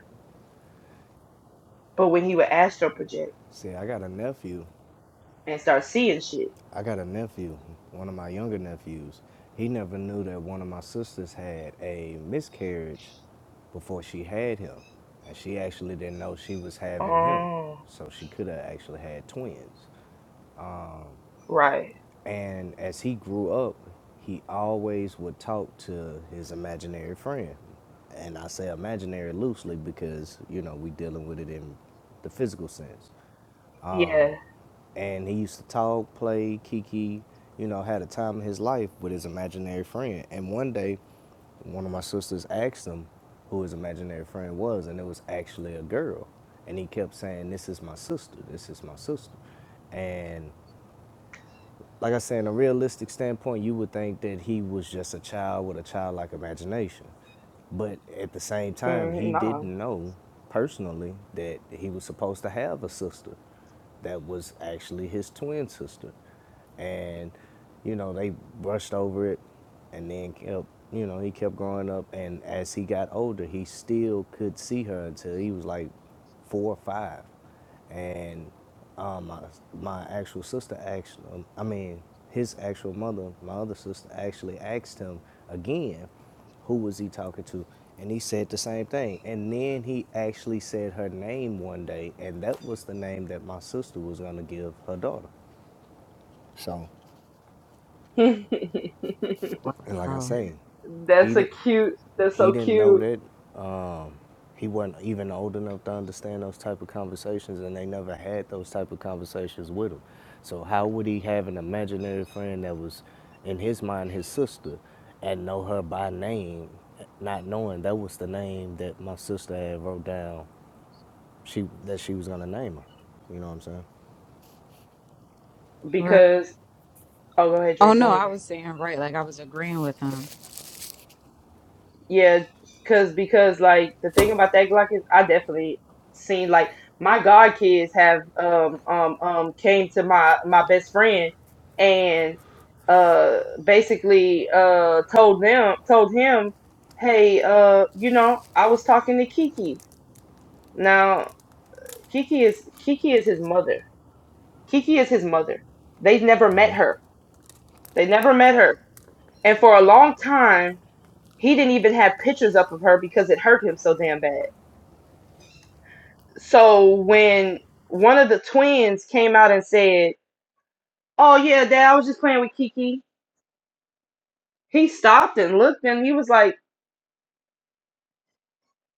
I: But when he would astral project
D: see, I got a nephew
I: and start seeing shit.
D: I got a nephew, one of my younger nephews. He never knew that one of my sisters had a miscarriage before she had him. And she actually didn't know she was having him.
I: Oh,
D: So she could have actually had twins.
I: right.
D: And as he grew up, he always would talk to his imaginary friend. And I say imaginary loosely because, you know, we dealing with it in the physical sense.
I: Yeah.
D: and he used to talk, play, kiki, you know, had a time of his life with his imaginary friend. And one day, one of my sisters asked him who his imaginary friend was, and it was actually a girl. And he kept saying, This is my sister, this is my sister. And like I said, in a realistic standpoint, you would think that he was just a child with a childlike imagination. But at the same time, he
I: Mm, no.
D: didn't know personally that he was supposed to have a sister that was actually his twin sister. And, you know, they brushed over it and then kept, you know, he kept growing up. And as he got older, he still could see her until he was like four or five and um, my my actual sister asked. um, I mean, his actual mother, my other sister actually asked him again, who was he talking to, and he said the same thing. And then he actually said her name one day, and that was the name that my sister was gonna give her daughter. So. And like I
B: Wow.
D: say, he
I: that's a
D: didn't
I: cute. That's
D: he
I: so
D: didn't know
I: cute
D: that. Um, he wasn't even old enough to understand those type of conversations, and they never had those type of conversations with him. So how would he have an imaginary friend that was, in his mind, his sister, and know her by name, not knowing that was the name that my sister had wrote down, she that she was gonna name her. You know what I'm saying?
B: Right.
I: because. Oh, go ahead,
B: Oh
I: Drake. Go
B: no,
I: ahead,
B: I
I: Drake.
B: was saying right. Like I was agreeing with him.
I: Yeah, cause because like the thing about that Glock is I definitely seen like my god kids have um um um came to my my best friend and uh basically uh told them told him hey uh you know I was talking to Kiki now Kiki is Kiki is his mother Kiki is his mother they've never met her they never met her and for a long time he didn't even have pictures up of her because it hurt him so damn bad So when one of the twins came out and said, "Oh yeah, Dad, I was just playing with Kiki," he stopped and looked, and he was like,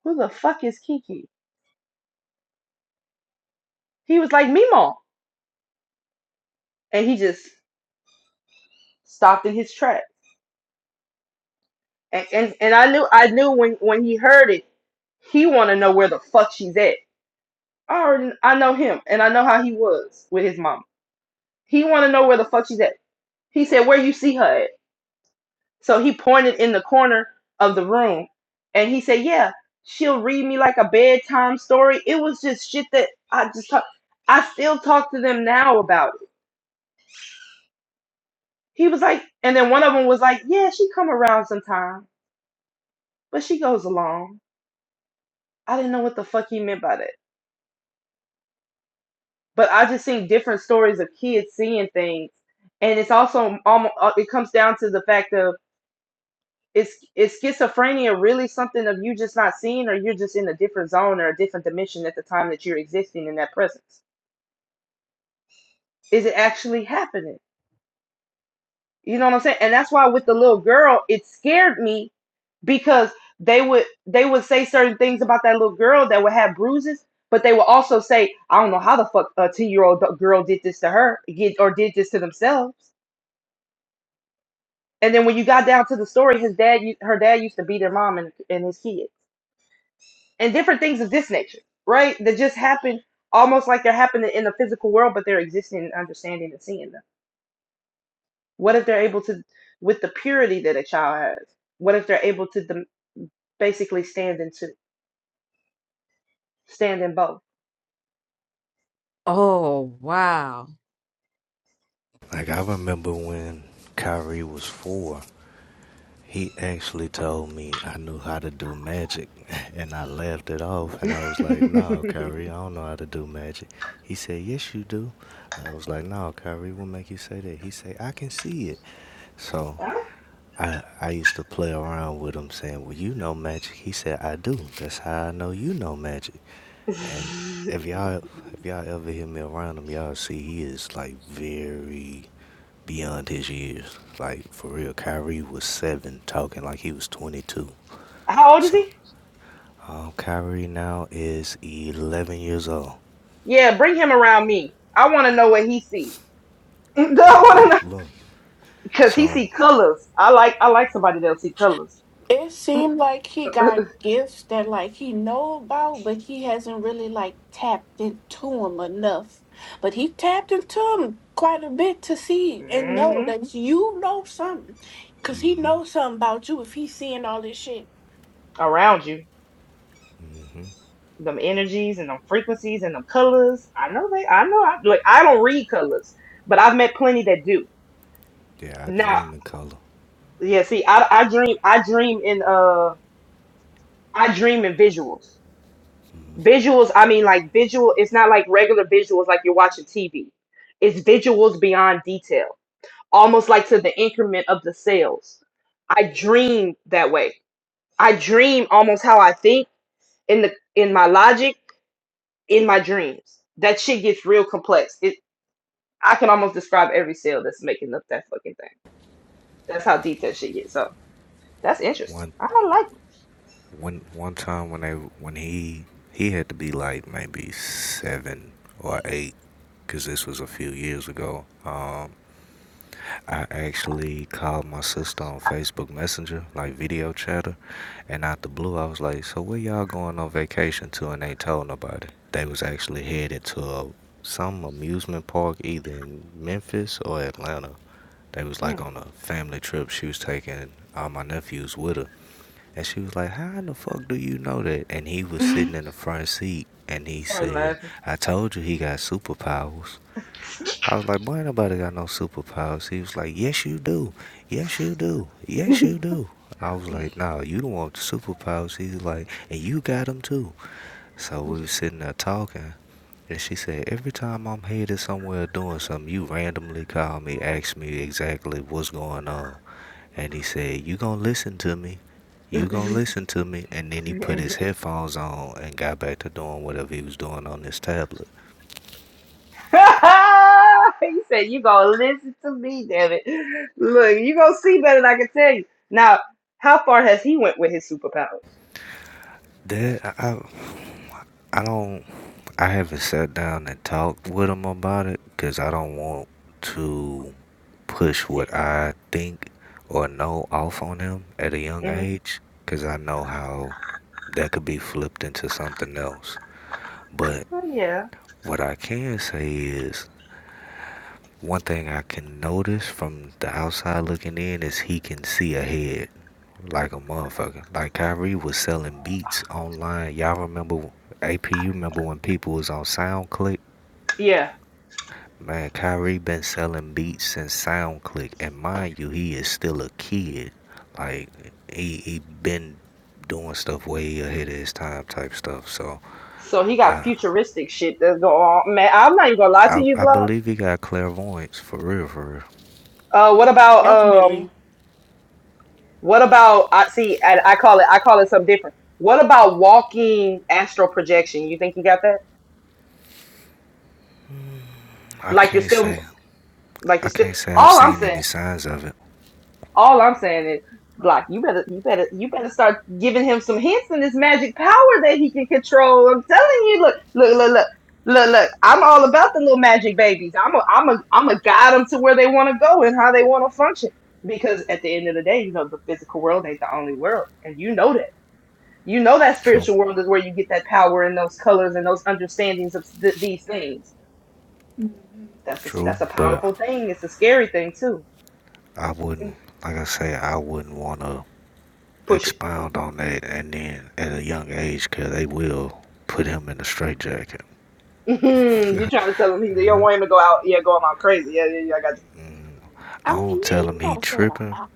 I: "Who the fuck is Kiki?" He was like, "Mimo," and he just stopped in his track. And and, and I knew I knew when when he heard it, he want to know where the fuck she's at. I already I know him, and I know how he was with his mom. He want to know where the fuck she's at. He said, "Where you see her?" At? So he pointed in the corner of the room and he said, Yeah, she'll read me like a bedtime story. It was just shit that I just talk I still talk to them now about it. He was like, and then one of them was like, Yeah, she come around sometime, but she goes along. I didn't know what the fuck he meant by that. But I just seen different stories of kids seeing things. And it's also almost, it comes down to the fact of is is schizophrenia really something of you just not seeing or you're just in a different zone or a different dimension at the time that you're existing in that presence is it actually happening you know what i'm saying and that's why with the little girl it scared me because they would they would say certain things about that little girl that would have bruises but they would also say i don't know how the fuck a 10 year old girl did this to her get, or did this to themselves and then when you got down to the story his dad her dad used to beat her mom and, and his kid and different things of this nature, right? That just happen almost like they're happening in the physical world, but they're existing and understanding and seeing them. What if they're able to, with the purity that a child has? What if they're able to dem- basically stand in two, stand in both?
B: Oh wow.
D: Like I remember when Kyrie was four. He actually told me I knew how to do magic, and I laughed it off. And I was like, "No, Kyrie, I don't know how to do magic." He said, "Yes, you do." I was like, "No, Kyrie, what make you say that?" He said, "I can see it." So I I used to play around with him, saying, "Well, you know magic." He said, "I do. That's how I know you know magic." And if y'all if y'all ever hear me around him, y'all see he is like very beyond his years. Like for real, Kyrie was seven, talking like he was 22.
I: How old is
D: So,
I: he?
D: um, Kyrie now is 11 years old.
I: Yeah, bring him around me. I want to know what he sees. I
D: Uh,
I: want to know
D: Look,
I: because he
D: so,
I: see colors. I like I like somebody that'll see colors
A: It seemed like he got gifts that like he know about, but he hasn't really like tapped into them enough. But he tapped into them quite a bit to see and know
I: hmm
A: that you know something, cause he
D: hmm
A: knows something about you if he's seeing all this shit.
I: around you. them energies and them frequencies and them colors. I know they. I know. I like. I don't read colors, but I've met plenty that do.
D: yeah, I
I: Now,
D: dream in color.
I: yeah. See, I I dream. I dream in uh. I dream in visuals. Visuals. I mean, like visual. It's not like regular visuals, like you're watching TV. It's visuals beyond detail, almost like to the increment of the cells. I dream that way. I dream almost how I think in the in my logic in my dreams. That shit gets real complex. I can almost describe every cell that's making up that fucking thing. That's how detailed she gets. So that's interesting.
D: One,
I: I like
D: one, one time when they, when he, he had to be like maybe seven or eight, cause this was a few years ago. Um, I actually called my sister on Facebook Messenger, like video chatter, and out the blue, I was like, "So where y'all going on vacation to?" And they told nobody. They was actually headed to a, some amusement park, either in Memphis or Atlanta. They was like
I: it.
D: on a family trip. She was taking all my nephews with her, and she was like, "How in the fuck do you know that?" And he was
I: Mm.
D: sitting in the front seat, and he
I: Start
D: said,
I: laughing.
D: "I told you he got superpowers." I was like, boy, ain't nobody got no superpowers. He was like, yes, you do. Yes, you do. Yes, you do. I was like, nah, you don't want the superpowers. He was like, and you got them too. So we was sitting there talking. And she said, every time I'm headed somewhere doing something, you randomly call me, ask me exactly what's going on. And he said, you gonna listen to me. You gonna listen to me. And then he put his headphones on and got back to doing whatever he was doing on his tablet.
I: he said, You gonna listen to me, damn it. Look, you gonna see better than I can tell you. Now, how far has he went with his superpowers?
D: That, I I don't I haven't sat down and talked with him about it because I don't want to push
I: Yeah.
D: what I think or know off on him at a young age because I know how that could be flipped into something else. But
I: hmm yeah.
D: what I can say is one thing I can notice from the outside looking in is he can see ahead like a motherfucker. Like Kyrie was selling beats online. Y'all remember AP? You remember when people was on SoundClick
I: Yeah.
D: Man, Kyrie been selling beats since SoundClick, and mind you, he is still a kid. Like he he been doing stuff way ahead of his time, type stuff. So
I: So he got
D: I
I: futuristic shit that's going on. Man, I'm not even gonna lie to
D: I,
I: you,
D: I
I: Vlog.
D: believe he got clairvoyance for real, for real.
I: Uh, what about
A: Definitely.
I: um, what about I see, and I call it, I call it something different. What about walking astral projection? You think you got that?
D: I
I: Like you're
D: can't
I: still,
D: say
I: like
D: I
I: you're still.
D: can't say I've
I: All I'm
D: seen
I: saying.
D: any signs of it.
I: All I'm saying is, Block, you better, you better, you better start giving him some hints in this magic power that he can control. I'm telling you, look, look, look, look, look, look. I'm all about the little magic babies. I'm a, I'm a, I'm a guide them to where they want to go and how they want to function. Because at the end of the day, you know the physical world ain't the only world, and you know that. You know that
D: True,
I: spiritual world is where you get that power and those colors and those understandings of th- these things.
A: hmm
I: That's a,
D: true,
I: that's a
D: but uh,
I: powerful thing. It's a scary thing too.
D: I wouldn't like I say I wouldn't want to
I: Push it.
D: expound on that. And then at a young age, 'cause they will put him in a straitjacket.
I: Mhm, you trying to tell him he you
D: Uh,
I: don't want him to go out? Yeah, going out crazy. Yeah, yeah, yeah. I got you.
D: Mm, I
A: I
D: don't
A: mean, you,
D: tell
A: you
D: him he
A: gotta say that.
D: tripping.
A: out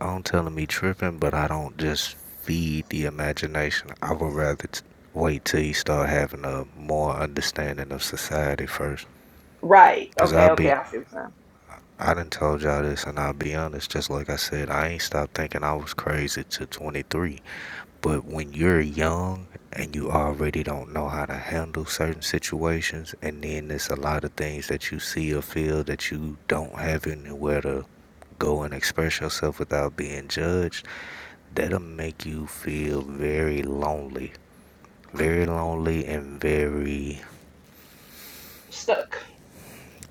D: I don't tell him he tripping, but I don't just feed the imagination. I would rather t- wait till he start having a more understanding of society first.
I: Right.
D: Cause I
I: Okay. Okay.
D: be,
I: I see what you're saying.
D: I done told y'all this, and I'll be honest. Just like I said, I ain't stopped thinking I was crazy to 23. But when you're young and you already don't know how to handle certain situations, and then there's a lot of things that you see or feel that you don't have anywhere to go and express yourself without being judged, that'll make you feel very lonely. Very lonely and very,
I: Stuck.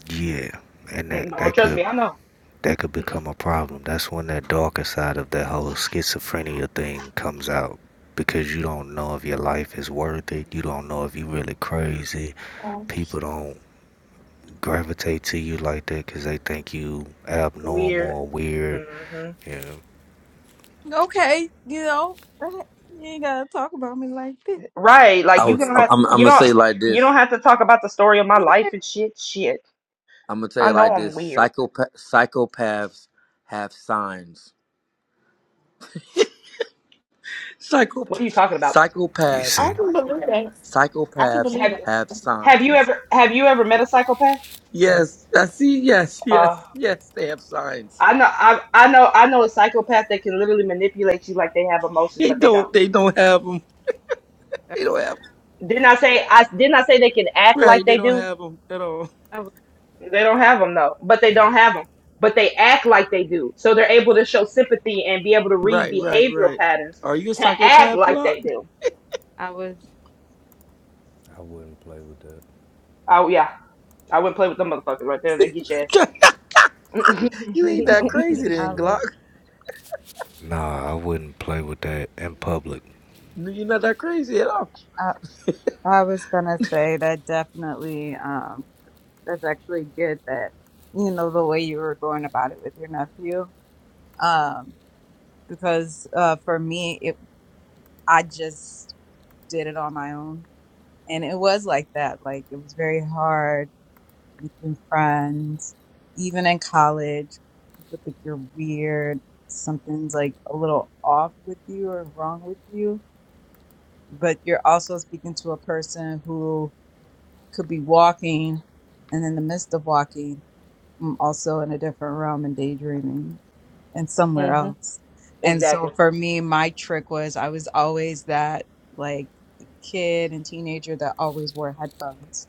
D: yeah. And
I: Mm,
D: that,
I: No,
D: that could
I: trust me. I know.
D: that could become a problem. That's when that darker side of that whole schizophrenia thing comes out because you don't know if your life is worth it. You don't know if you really crazy.
A: loud.
D: People don't gravitate to you like that because they think you abnormal
I: Weird.
D: or weird.
I: hmm
D: You know,
B: Okay, you know you ain't gotta talk about me like this.
I: Right.
K: I
I: Like you
K: was,
I: don't
K: I'm,
I: have
K: I'm I'm
I: you
K: gonna
I: don't
K: say like
I: you don't
K: this.
I: have to talk about the story of my life and
B: Right.
I: shit. Shit.
K: I'm gonna tell
I: I
K: you
I: know
K: like
I: I'm
K: this.
I: weird.
K: Psychopath, psychopaths have signs. Psycho,
I: What are you talking about?
D: you
A: I
K: psychopaths,
D: see?
A: can believe that. I can
K: psychopaths
A: believe
I: Have
A: that.
K: have
I: Have you
K: signs.
I: ever Have you ever met a psychopath?
K: Yes, I see. Yes,
I: Uh.
K: yes, yes. They have signs.
I: I know, I, I know, I know a psychopath that can literally manipulate you like they have emotions,
K: They
I: but they don't.
K: don't. They don't have them. They don't have. 'em.
I: Didn't I say I didn't I say they can act like
K: Right. They
I: they
K: don't
I: do?
K: have them at all.
B: I was.
I: They don't have them though, but they don't have them. But they act like they do, so they're able to show sympathy and be able to read
K: Right. Right.
I: behavioral
K: Right.
I: patterns
K: Are you a
I: to act
K: psychopath,
I: like
K: Glock?
I: they do.
B: I was.
D: I wouldn't play with that.
I: Oh yeah, I wouldn't play with them motherfuckers right there. They get your ass.
K: you ain't
D: No,
K: that
D: I'm
K: crazy,
D: saying I
K: then, Glock.
D: wouldn't. Nah, I wouldn't play with that in public.
K: You're not that crazy at all.
B: I was. I was gonna say that definitely um that's actually good that you know the way you were going about it with your nephew. Um because uh for me it I just did it on my own and it was like that. Like it was very hard making friends even in college. People think you're weird, something's like a little off with you or wrong with you, but you're also speaking to a person who could be walking and in the midst of walking I'm also in a different realm and daydreaming and somewhere
I: hmm
B: else and so
I: Exactly.
B: for me my trick was i was always that like kid and teenager that always wore headphones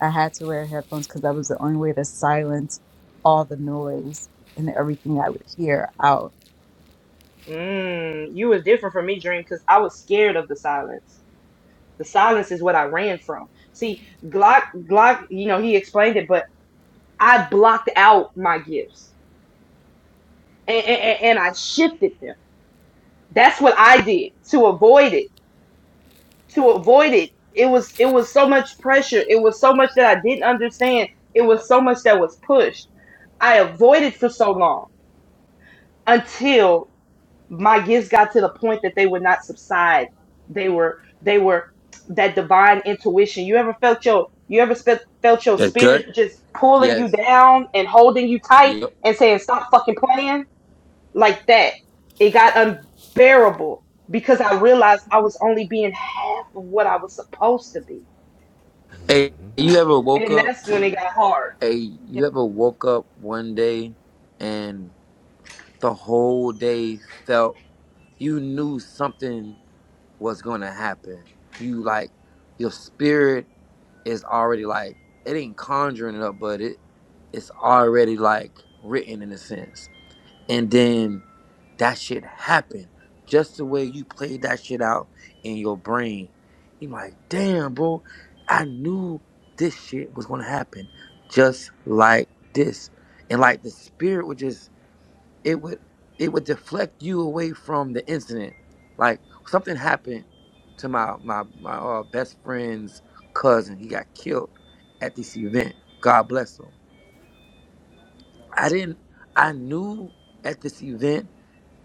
B: i had to wear headphones because that was the only way to silence all the noise and everything i would hear out
I: Mm, you was different from me, Dream, because I was scared of the silence. The silence is what I ran from. See, Glock, Glock, you know, he explained it, but I blocked out my gifts and, and, and I shifted them. That's what I did to avoid it to avoid it. It was it was so much pressure. It was so much that I didn't understand. It was so much that was pushed. I avoided for so long until my gifts got to the point that they would not subside. They were they were that divine intuition. You ever felt your you ever spe- felt your
K: That's good.
I: spirit just pulling you
K: Yes.
I: down and holding you tight
K: Yep.
I: and saying stop fucking playing? like that. It got unbearable because I realized I was only being half of what I was supposed to be.
K: Hey, you ever woke
I: And
K: up?
I: that's when it got hard.
K: Hey, you ever woke up one day and the whole day felt you knew something was going to happen? You like your spirit is already like it ain't conjuring it up, but it it's already like written in a sense and then that shit happened just the way you played that shit out in your brain you like damn bro i knew this shit was gonna happen just like this and like the spirit would just it would it would deflect you away from the incident like something happened to my my my uh, best friend's cousin he got killed at this event god bless him i didn't i knew at this event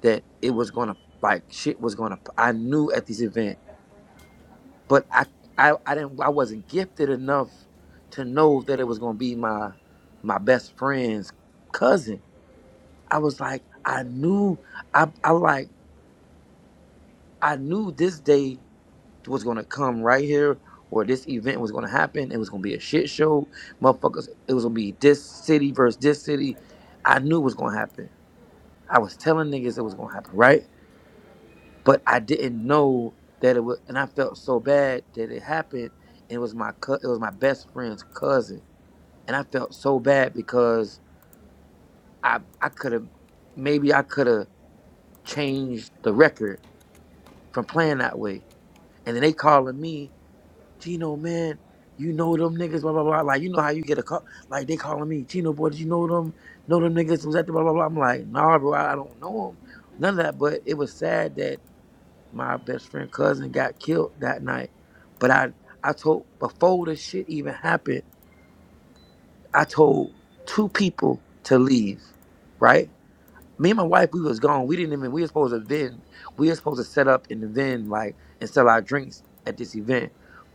K: that it was gonna like shit was gonna. I knew at this event, but I I I didn't I wasn't gifted enough to know that it was gonna be my my best friend's cousin. I was like I knew I I like I knew this day was gonna come right here. Or this event was gonna happen. It was gonna be a shit show, motherfuckers. It was gonna be this city versus this city. I knew it was gonna happen. I was telling niggas it was gonna happen, right? but I didn't know that it was, and I felt so bad that it happened. And it was my cou- it was my best friend's cousin, and I felt so bad because I I could have maybe I could have changed the record from playing that way. And then they calling me, Gino man, you know them niggas, blah blah blah. Like you know how you get a call, like they calling me, Gino boy, did you know them? Know them niggas was at the blah blah blah. I'm like, nah, bro, I I don't know them, none of that. But it was sad that my best friend cousin got killed that night. But I I told before this shit even happened, I told two people to leave. Right? Me and my wife, we was gone. We didn't even we were supposed to vend. We were supposed to set up in the vend like and sell our drinks at this event.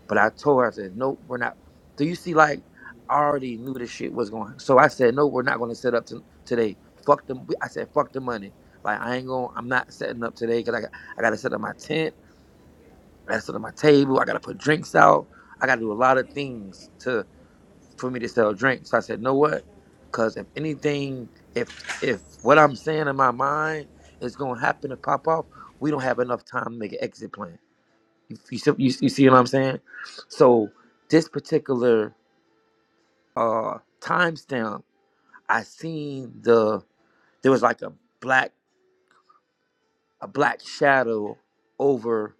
K: But I told her, I said, Nope, we're not. So you see, like I already knew this shit was going. So I said, No, we're not gonna set up to, today. Fuck them. I said, fuck the money. Like I ain't going to I'm not setting up today because I got I gotta set up my tent. That's on my table. I gotta put drinks out. I gotta do a lot of things to for me to sell drinks. So I said, know what? Cause if anything, if if what I'm saying in my mind is gonna happen to pop off, we don't have enough time to make an exit plan. You you, see- you, you see what I'm saying? So this particular uh timestamp, I seen the there was like a black a black shadow over.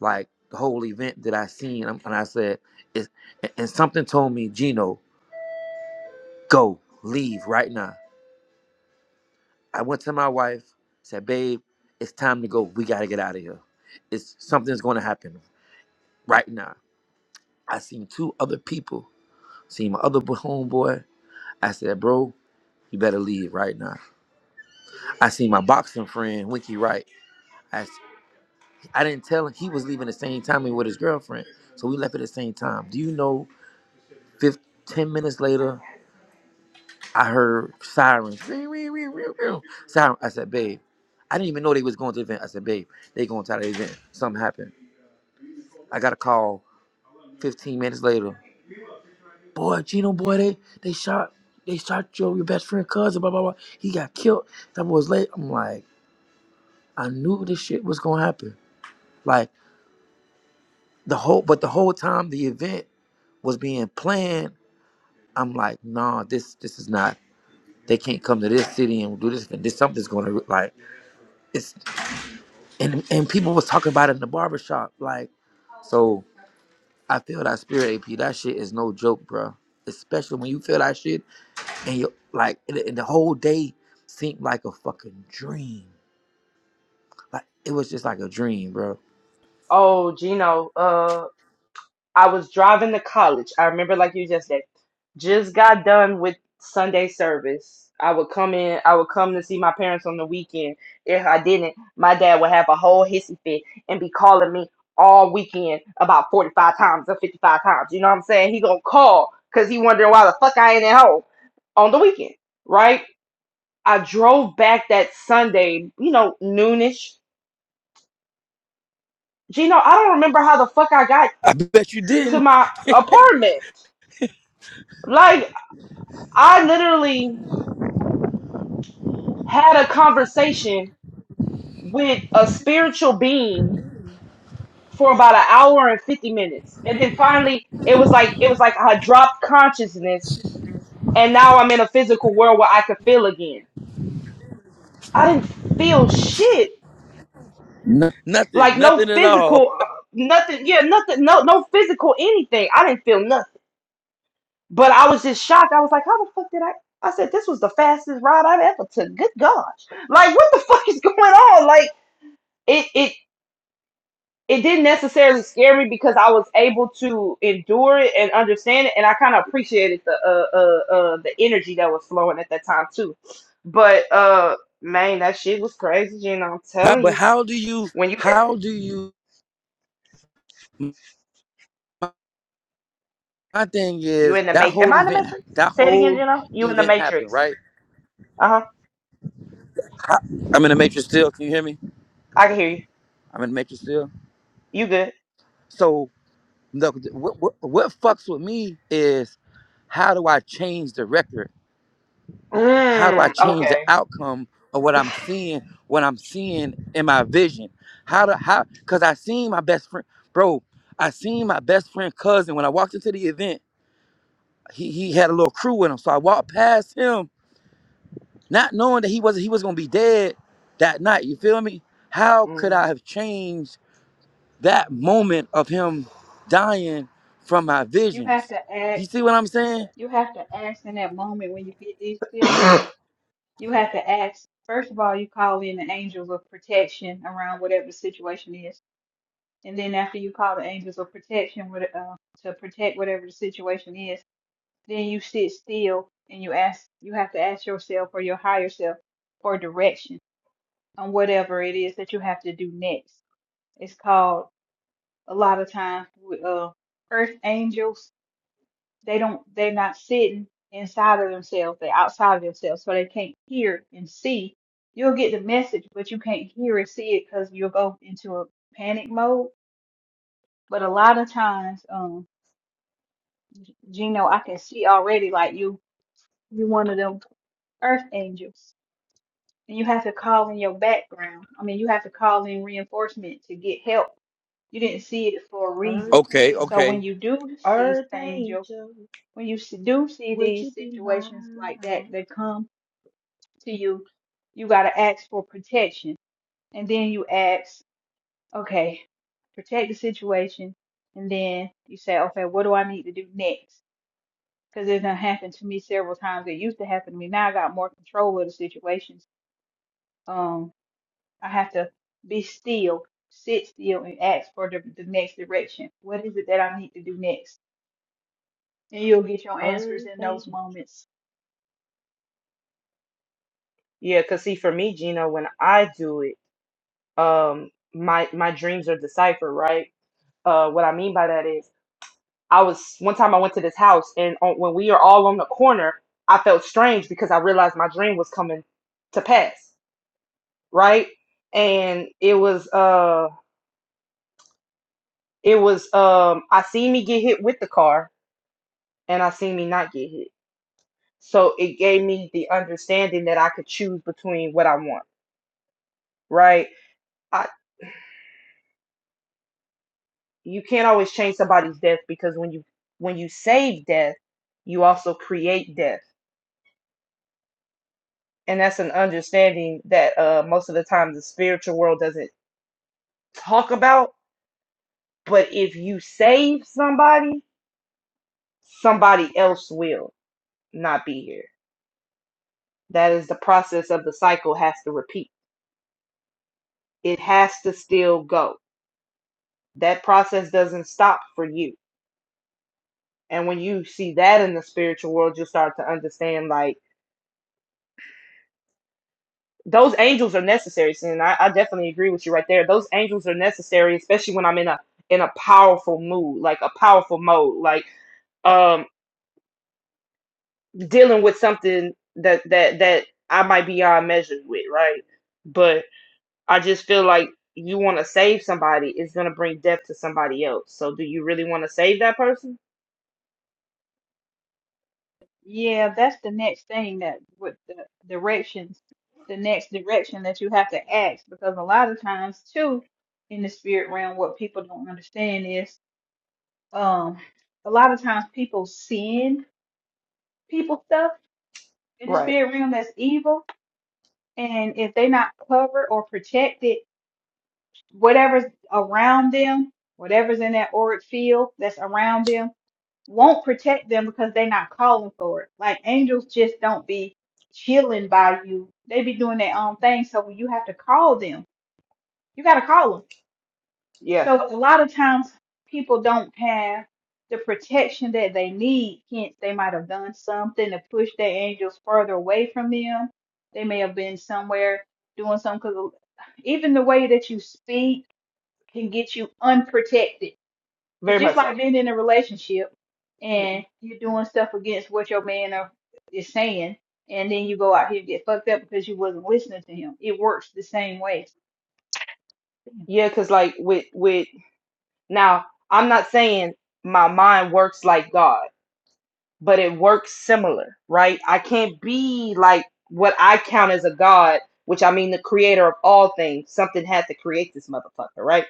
K: like the whole event that I seen, um, and I said, it's, and something told me, Gino, go, leave right now. I went to my wife, said, babe, it's time to go. We gotta get out of here. It's something's gonna happen right now. I seen two other people, seen my other homeboy. I said, bro, you better leave right now. I seen my boxing friend, Winky Wright. I, I s- I didn't tell him he was leaving the same time he with his girlfriend. So we left at the same time. Do you know, 15, 10 minutes later, I heard sirens. "Wee, wee, wee, wee, wee." Siren. I said, babe, I didn't even know they was going to the event. I said, babe, they going to the event. Something happened. I got a call 15 minutes later. Boy, Gino, boy, they they shot they shot your your best friend cousin. Blah blah blah. He got killed. That boy was late. I'm like, I knew this shit was gonna happen. Like the whole, but the whole time the event was being planned. I'm like, nah, this this is not. They can't come to this city and do this. This something's gonna like. it's. and and people was talking about it in the barbershop. Like, so I feel that spirit AP. That shit is no joke, bro. Especially when you feel that shit and you like, and, and the whole day seemed like a fucking dream. Like it was just like a dream, bro.
I: Oh, Gino, uh, I was driving to college. I remember like you just said, just got done with Sunday service. I would come in, I would come to see my parents on the weekend. If I didn't, my dad would have a whole hissy fit and be calling me all weekend about 45 times or 55 times. You know what I'm saying? He gonna call because he wondering why the fuck I ain't at home on the weekend, right? I drove back that Sunday, you know, noonish. Gino, I don't remember how the fuck I got
K: I bet you
I: to
K: didn't.
I: my apartment. like. I literally had a conversation with a spiritual being for about an hour and 50 minutes. And then finally it was like it was like I dropped consciousness and now I'm in a physical world where I could feel again. I didn't feel shit.
K: No, Nothing,
I: Like no
K: nothing at all.
I: physical uh, nothing. Yeah, nothing no no physical anything. I didn't feel nothing. But I was just shocked. I was like, how the fuck did I I said this was the fastest ride I've ever took. Good gosh. Like what the fuck is going on? Like it it it didn't necessarily scare me because I was able to endure it and understand it, and I kind of appreciated the uh, uh uh the energy that was flowing at that time too. But uh, man, that shit was crazy, Gino. I'm
K: How-
I: telling
K: But
I: you,
K: how do you?
I: when you
K: How do you? My thing
I: you
K: is
I: in the
K: that
I: matrix, am
K: whole
I: I in the
K: event.
I: matrix?
K: That
I: Say it again,
K: whole
I: Gino. You in the
K: event happened,
I: matrix?
K: right?
I: Uh huh.
K: How- I'm in the matrix still. Can you hear me?
I: I can hear you.
K: I'm in the matrix still.
I: You good?
K: No, what, what, what fucks with me is how do I change the record? How do I
I: Mm,
K: change the
I: okay.
K: outcome of what I'm seeing, what I'm seeing in my vision? How do how cause I seen my best friend, bro. I seen my best friend cousin when I walked into the event. He he had a little crew with him. So I walked past him, not knowing that he was he was gonna be dead that night. You feel me? How could I
I: Mm.
K: have changed that moment of him dying from my
L: You have
K: visions?
L: to
K: Do you
L: ask,
K: see what I'm saying?
L: you have to ask in that moment when you get these feelings, you have to ask, first of all, you call in the angels of protection around whatever the situation is. And then after you call the angels of protection with, uh, to protect whatever the situation is, then you sit still and you ask, you have to ask yourself or your higher self for direction on whatever it is that you have to do next. It's called a lot of times, uh, earth angels they don't they're not sitting inside of themselves they're outside of themselves so they can't hear and see you'll get the message but you can't hear and see it because you'll go into a panic mode but a lot of times um gino i can see already like you you one of them earth angels and you have to call in your background i mean you have to call in reinforcement to get help you didn't see it for a reason
I: Earth,
K: Okay,
I: angel,
L: so
K: okay.
L: when you do see
I: Earth
L: angel
I: angel,
L: when you s- do see
I: would
L: these
I: you be
L: situations like that
I: mine?
L: that come to you, you got to ask for protection. And then you ask, okay, protect the situation. And then you say, okay, what do I need to do next? Because it done happened to me several times. It used to happen to me. Now I got more control of the situations. Um, I have to be still, sit still, and ask for the, the next direction. What is it that I need to do next? And you'll get your answers
I: Earth
L: in
I: angel.
L: those moments.
I: Yeah, cause see, for me, Gina, when I do it, um, my my dreams are deciphered, right? Uh, what I mean by that is, I was one time I went to this house, and on, when we are all on the corner, I felt strange because I realized my dream was coming to pass, right? And it was uh, it was um, I seen me get hit with the car, and I seen me not get hit, so it gave me the understanding that I could choose between what I want, right? I. you can't always change somebody's death because when you when you save death, you also create death, and that's an understanding that uh, most of the time the spiritual world doesn't talk about. But if you save somebody, somebody else will not be here. That is the process of the cycle has to repeat. It has to still go. That process doesn't stop for you. And when you see that in the spiritual world, you start to understand like those angels are necessary and I, I definitely agree with you right there those angels are necessary especially when i'm in a in a powerful mood like a powerful mode like um dealing with something that that that i might be on measure with right but i just feel like you want to save somebody it's going to bring death to somebody else so do you really want to save that person
L: Yeah, that's the next thing that with the directions, the next direction that you have to ask because a lot of times too in the spirit realm what people don't understand is um a lot of times people send people stuff in the
I: right
L: spirit realm that's evil and if they're not covered or protected, whatever's around them, whatever's in that auric field that's around them won't protect them because they're not calling for it. Like angels just don't be chilling by you. They be doing their own thing. So when you have to call them, you got to call them.
I: yeah
L: So a lot of times people don't have the protection that they need. Hence, they might have done something to push their angels further away from them. They may have been somewhere doing something because even the way that you speak can get you unprotected it's
I: very
L: just
I: much so
L: like being in a relationship and you're doing stuff against what your man are, is saying, and then you go out here and get fucked up because you wasn't listening to him. It works the same way.
I: yeah because like with with now i'm not saying my mind works like god but it works similar, right? I can't be like what I count as a god, which I mean the creator of all things. Something had to create this motherfucker, right?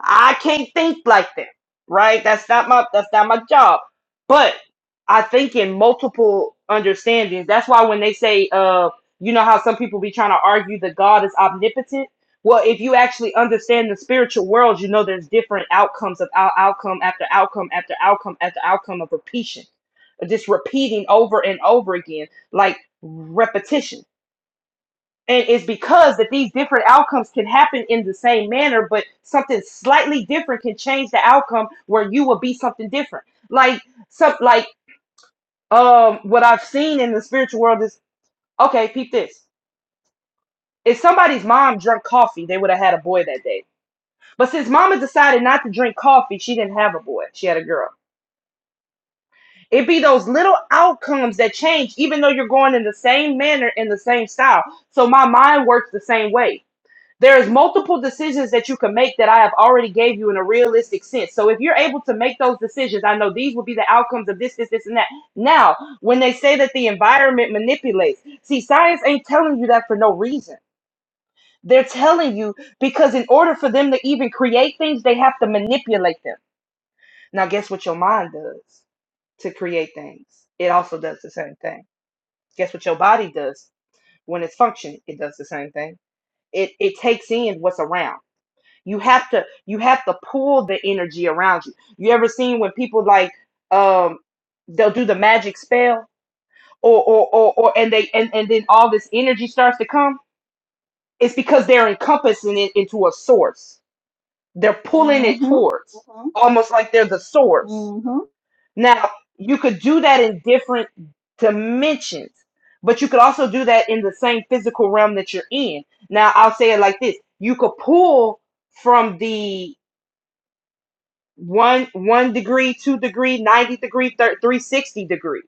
I: I can't think like them, right? That's not my that's not my job. But I think in multiple understandings. That's why when they say, uh, you know how some people be trying to argue that God is omnipotent. Well, if you actually understand the spiritual world, you know there's different outcomes of out- outcome after outcome after outcome after outcome of repetition, just repeating over and over again, like repetition and it's because that these different outcomes can happen in the same manner but something slightly different can change the outcome where you will be something different like some like um what i've seen in the spiritual world is okay peep this if somebody's mom drank coffee they would have had a boy that day but since mama decided not to drink coffee she didn't have a boy she had a girl it be those little outcomes that change even though you're going in the same manner in the same style so my mind works the same way there's multiple decisions that you can make that I have already gave you in a realistic sense. So if you're able to make those decisions, I know these will be the outcomes of this, this, this, and that. Now, when they say that the environment manipulates, see, science ain't telling you that for no reason. They're telling you because in order for them to even create things, they have to manipulate them. Now, guess what your mind does to create things? It also does the same thing. Guess what your body does when it's functioning? It does the same thing. It it takes in what's around. You have to you have to pull the energy around you. You ever seen when people like um they'll do the magic spell or or or, or and they and, and then all this energy starts to come? It's because they're encompassing it into a source. They're pulling it
L: Mm-hmm.
I: towards
L: Mm-hmm.
I: almost like they're the source.
L: Mm-hmm.
I: Now, you could do that in different dimensions, but you could also do that in the same physical realm that you're in. Now, I'll say it like this. You could pull from the one one degree, two degree, ninety degree, thir- three sixty degree.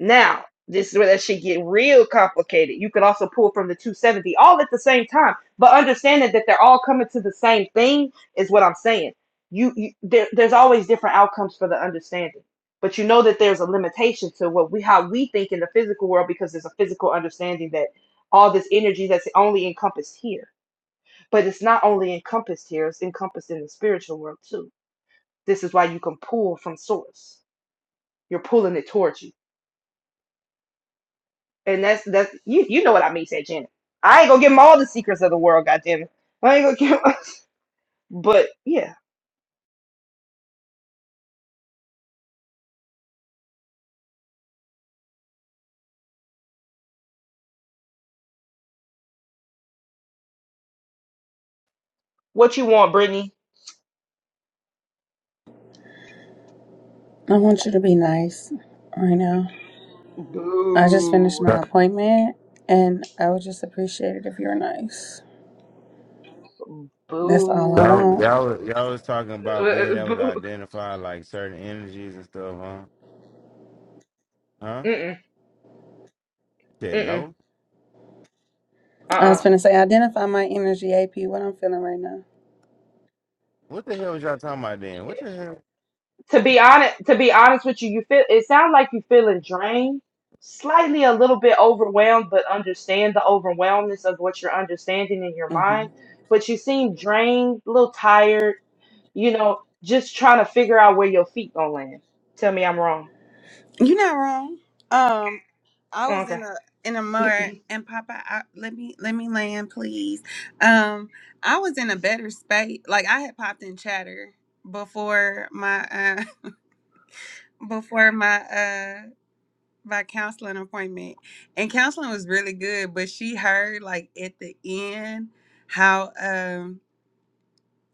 I: Now this is where that shit get real complicated. You could also pull from the two seventy all at the same time, but understanding that they're all coming to the same thing is what I'm saying. You, you there, there's always different outcomes for the understanding, but you know that there's a limitation to what we how we think in the physical world because there's a physical understanding that all this energy that's only encompassed here, but it's not only encompassed here; it's encompassed in the spiritual world too this is why you can pull from source. You're pulling it towards you. And that's that's you you know what I mean, said Janet. I ain't gonna give them all the secrets of the world, goddamn I ain't gonna give give. but yeah. What you want, Brittany?
M: I want you to be nice right now. I just finished
I: Boo.
M: my
N: Y'all,
M: appointment and I would just appreciate it if you're nice. That's all I
N: y'all,
M: want.
I: Boo.
N: y'all y'all was talking about
I: Uh,
N: being able to
I: boo.
N: identify like certain energies and stuff, huh? Huh?
I: Mm-mm.
N: Said
I: Mm-mm.
N: no.
M: I
I: Uh-uh.
M: was
N: Uh,
M: going to say, identify my energy, AP, what I'm feeling right now.
N: what the hell was y'all talking about then? What the hell?
I: To be honest to be honest with you, you feel it sounds like you are feeling drained, slightly a little bit overwhelmed, but understand the overwhelmness of what you're understanding in your
M: hmm
I: mind. But you seem drained, a little tired you know, just trying to figure out where your feet gonna land. Tell me I'm wrong.
M: You're not wrong. Um, I was
I: Okay.
M: in a in a mud and Papa, I, let me let me land, please. Um, I was in a better space. Like I had popped in chatter before my before my uh my counseling appointment and counseling was really good but she heard like at the end how um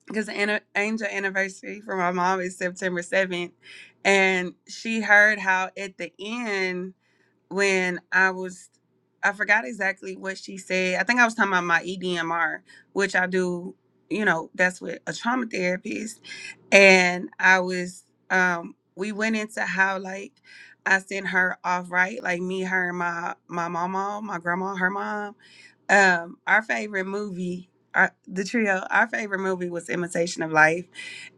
M: because the anni- angel anniversary for my mom is september 7th and she heard how at the end when I was, I forgot exactly what she said. I think I was talking about my EDMR, which I do, you know, that's with a trauma therapist. And I was, um, we went into how like I sent her off right, like me, her, and my my mama, my grandma, her mom um our favorite movie our, the trio our favorite movie was imitation of life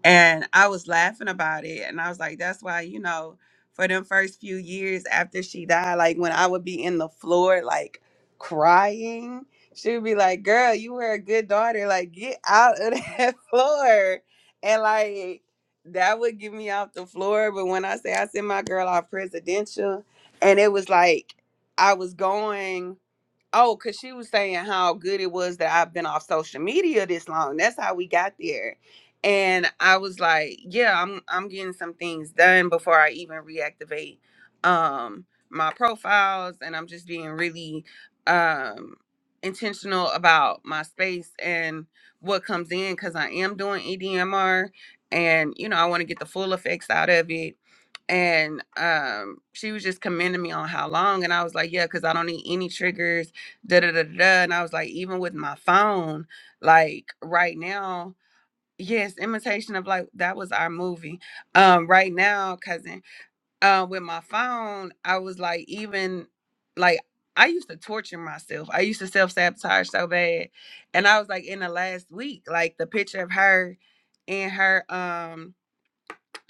M: and i was laughing about it and i was like that's why you know for them first few years after she died like when i would be in the floor like crying she would be like girl you were a good daughter like get out of that floor and like that would get me off the floor but when i say i sent my girl off presidential and it was like i was going Oh, because she was saying how good it was that I've been off social media this long. That's how we got there. And I was like, yeah, I'm I'm getting some things done before I even reactivate um my profiles and I'm just being really um intentional about my space and what comes in because I am doing EDMR and you know I want to get the full effects out of it and um she was just commending me on how long and i was like yeah because i don't need any triggers da da da da. da. And I was like, even with my phone, like right now, yes, imitation of like that was our movie. Um, right now, cousin, uh, with my phone, I was like, even like I used to torture myself. I used to self sabotage so bad, and I was like, in the last week, like the picture of her in her um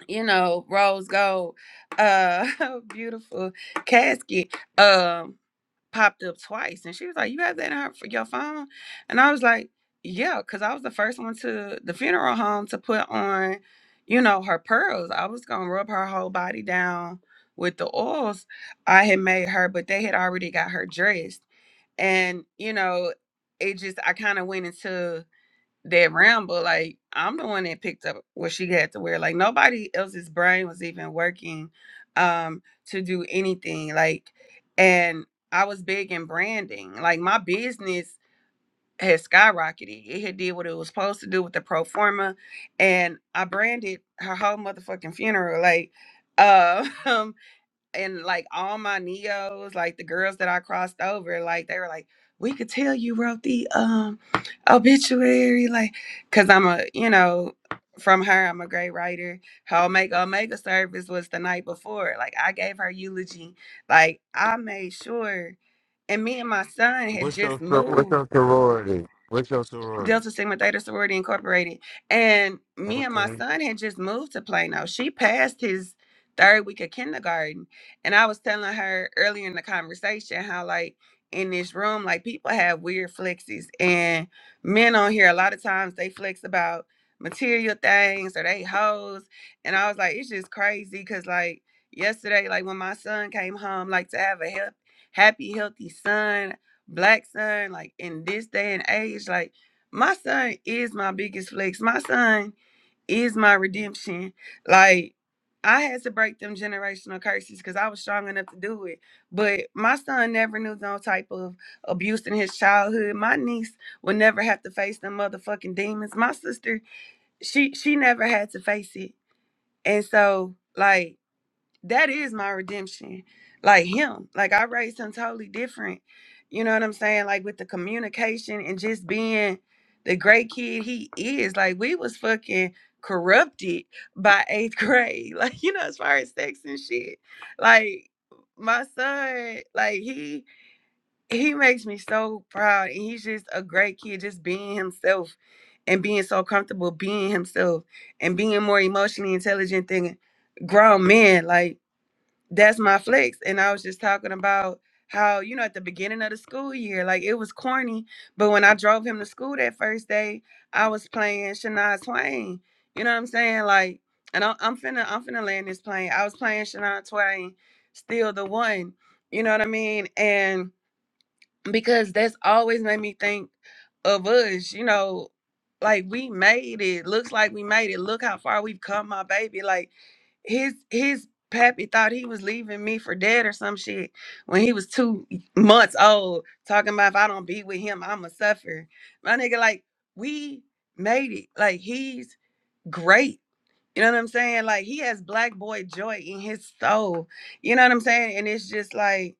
M: you know rose gold uh beautiful casket um popped up twice and she was like you have that in her, for your phone and i was like yeah because i was the first one to the funeral home to put on you know her pearls i was gonna rub her whole body down with the oils i had made her but they had already got her dressed and you know it just i kind of went into that round, but like I'm the one that picked up what she had to wear. Like nobody else's brain was even working um to do anything. Like and I was big in branding. Like my business had skyrocketed. It had did what it was supposed to do with the pro forma and I branded her whole motherfucking funeral. Like uh, um and like all my neos, like the girls that I crossed over, like they were like, "We could tell you wrote the um obituary," like, cause I'm a, you know, from her, I'm a great writer. Her Omega Omega service was the night before. Like I gave her eulogy. Like I made sure, and me and my son had
N: What's
M: just
N: your sor- what's
M: moved.
N: your sorority? What's your sorority?
M: Delta Sigma Theta Sorority Incorporated. And me and my
N: Okay.
M: son had just moved to Plano. She passed his third week of kindergarten. And I was telling her earlier in the conversation how, like, in this room, like, people have weird flexes. And men on here, a lot of times they flex about material things or they hoes. And I was like, it's just crazy because, like, yesterday, like, when my son came home, like, to have a hea- happy, healthy son, black son, like, in this day and age, like, my son is my biggest flex. My son is my redemption. Like I had to break them generational curses because I was strong enough to do it. But my son never knew no type of abuse in his childhood. My niece will never have to face them motherfucking demons. My sister, she she never had to face it. And so like that is my redemption. Like him. Like I raised him totally different. You know what I'm saying? Like with the communication and just being the great kid he is. Like we was fucking corrupted by eighth grade. Like, you know, as far as sex and shit. Like my son, like he he makes me so proud. And he's just a great kid, just being himself and being so comfortable being himself and being more emotionally intelligent than grown men. Like that's my flex. And I was just talking about how, you know, at the beginning of the school year, like it was corny. But when I drove him to school that first day, I was playing Shania Twain. You know what I'm saying? Like, and I'm, I'm finna, I'm finna land this plane. I was playing Shania Twain, still the one. You know what I mean? And because that's always made me think of us, you know, like we made it. Looks like we made it. Look how far we've come, my baby. Like his his pappy thought he was leaving me for dead or some shit when he was two months old, talking about if I don't be with him, I'ma suffer. My nigga, like we made it. Like he's great. You know what I'm saying? Like he has black boy joy in his soul. You know what I'm saying? And it's just like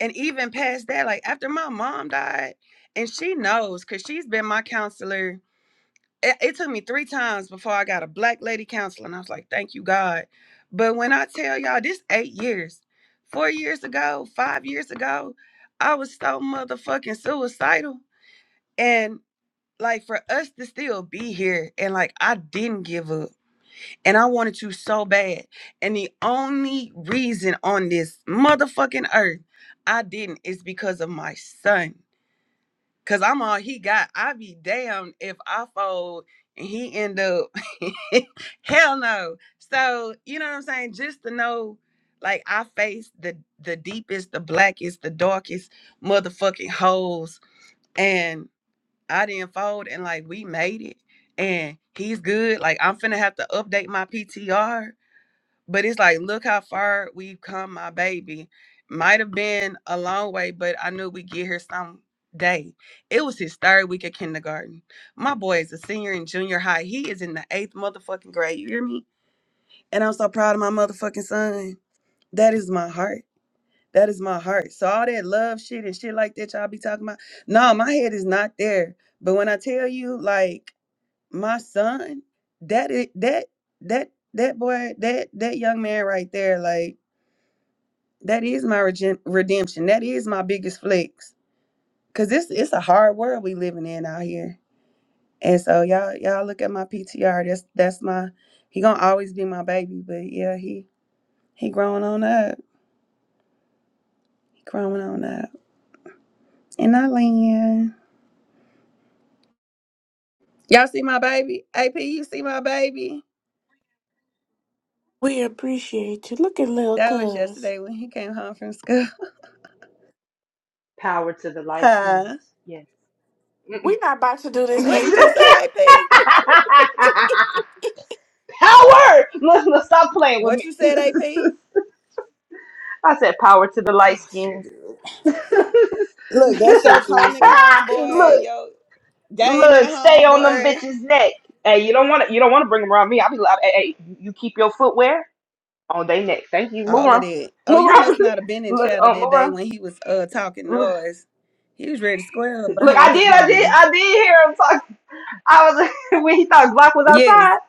M: and even past that like after my mom died and she knows because she's been my counselor it, it took me three times before i got a black lady counselor and i was like thank you god but when i tell y'all this eight years four years ago five years ago i was so motherfucking suicidal and like for us to still be here and like i didn't give up and I wanted you so bad. And the only reason on this motherfucking earth I didn't is because of my son. Cause I'm all he got. I be damned if I fold and he end up hell no. So you know what I'm saying? Just to know, like I faced the the deepest, the blackest, the darkest motherfucking holes, and I didn't fold, and like we made it, and he's good. Like I'm finna have to update my PTR but it's like look how far we've come my baby might have been a long way but i knew we'd get here some day it was his third week of kindergarten my boy is a senior in junior high he is in the eighth motherfucking grade you hear me and i'm so proud of my motherfucking son that is my heart that is my heart so all that love shit and shit like that y'all be talking about no my head is not there but when i tell you like my son that it that that that boy that that young man right there like that is my regen- redemption. That is my biggest flex. Cause this it's a hard world we living in out here. And so y'all y'all look at my PTR. That's that's my he gonna always be my baby. But yeah, he he growing on up. He growing on up. And I land. Y'all see my baby? AP, you see my baby?
A: We appreciate you. Look at little
M: That was
A: cuz.
M: yesterday when he came home from school.
I: Power to the light skins.
M: huh?
I: Yeah. Mm-mm.
A: we not about to do this
M: What did you
A: AP.
M: say, AP?
I: power. Let's, let's stop playing with
M: What
I: me.
M: you said, AP?
I: I said power to the light
M: Oh shit.
I: skins.
M: Look, that's
A: Thank you,
M: your comic
A: Jesus. Thank
M: homeboy.
I: look,
M: yo. Game at
I: look, stay
M: home,
I: on them
M: boy.
I: bitches' neck. Hey, you don't want to. You don't want to bring them around me. I'll be like, hey, hey, you keep your footwear on their neck. Thank you. Move
M: All of
I: on.
M: that. Oh,
I: Move
M: you
I: on.
M: must not have been in
I: look,
M: chatter
I: um,
M: that
I: move
M: day when he was uh talking
I: on.
M: noise. He was ready to square up
I: Look,
M: behind
I: I
M: his
I: did, I did,
M: mama.
I: I did hear him talk. I was when he thought Glock was
M: Yes,
I: outside.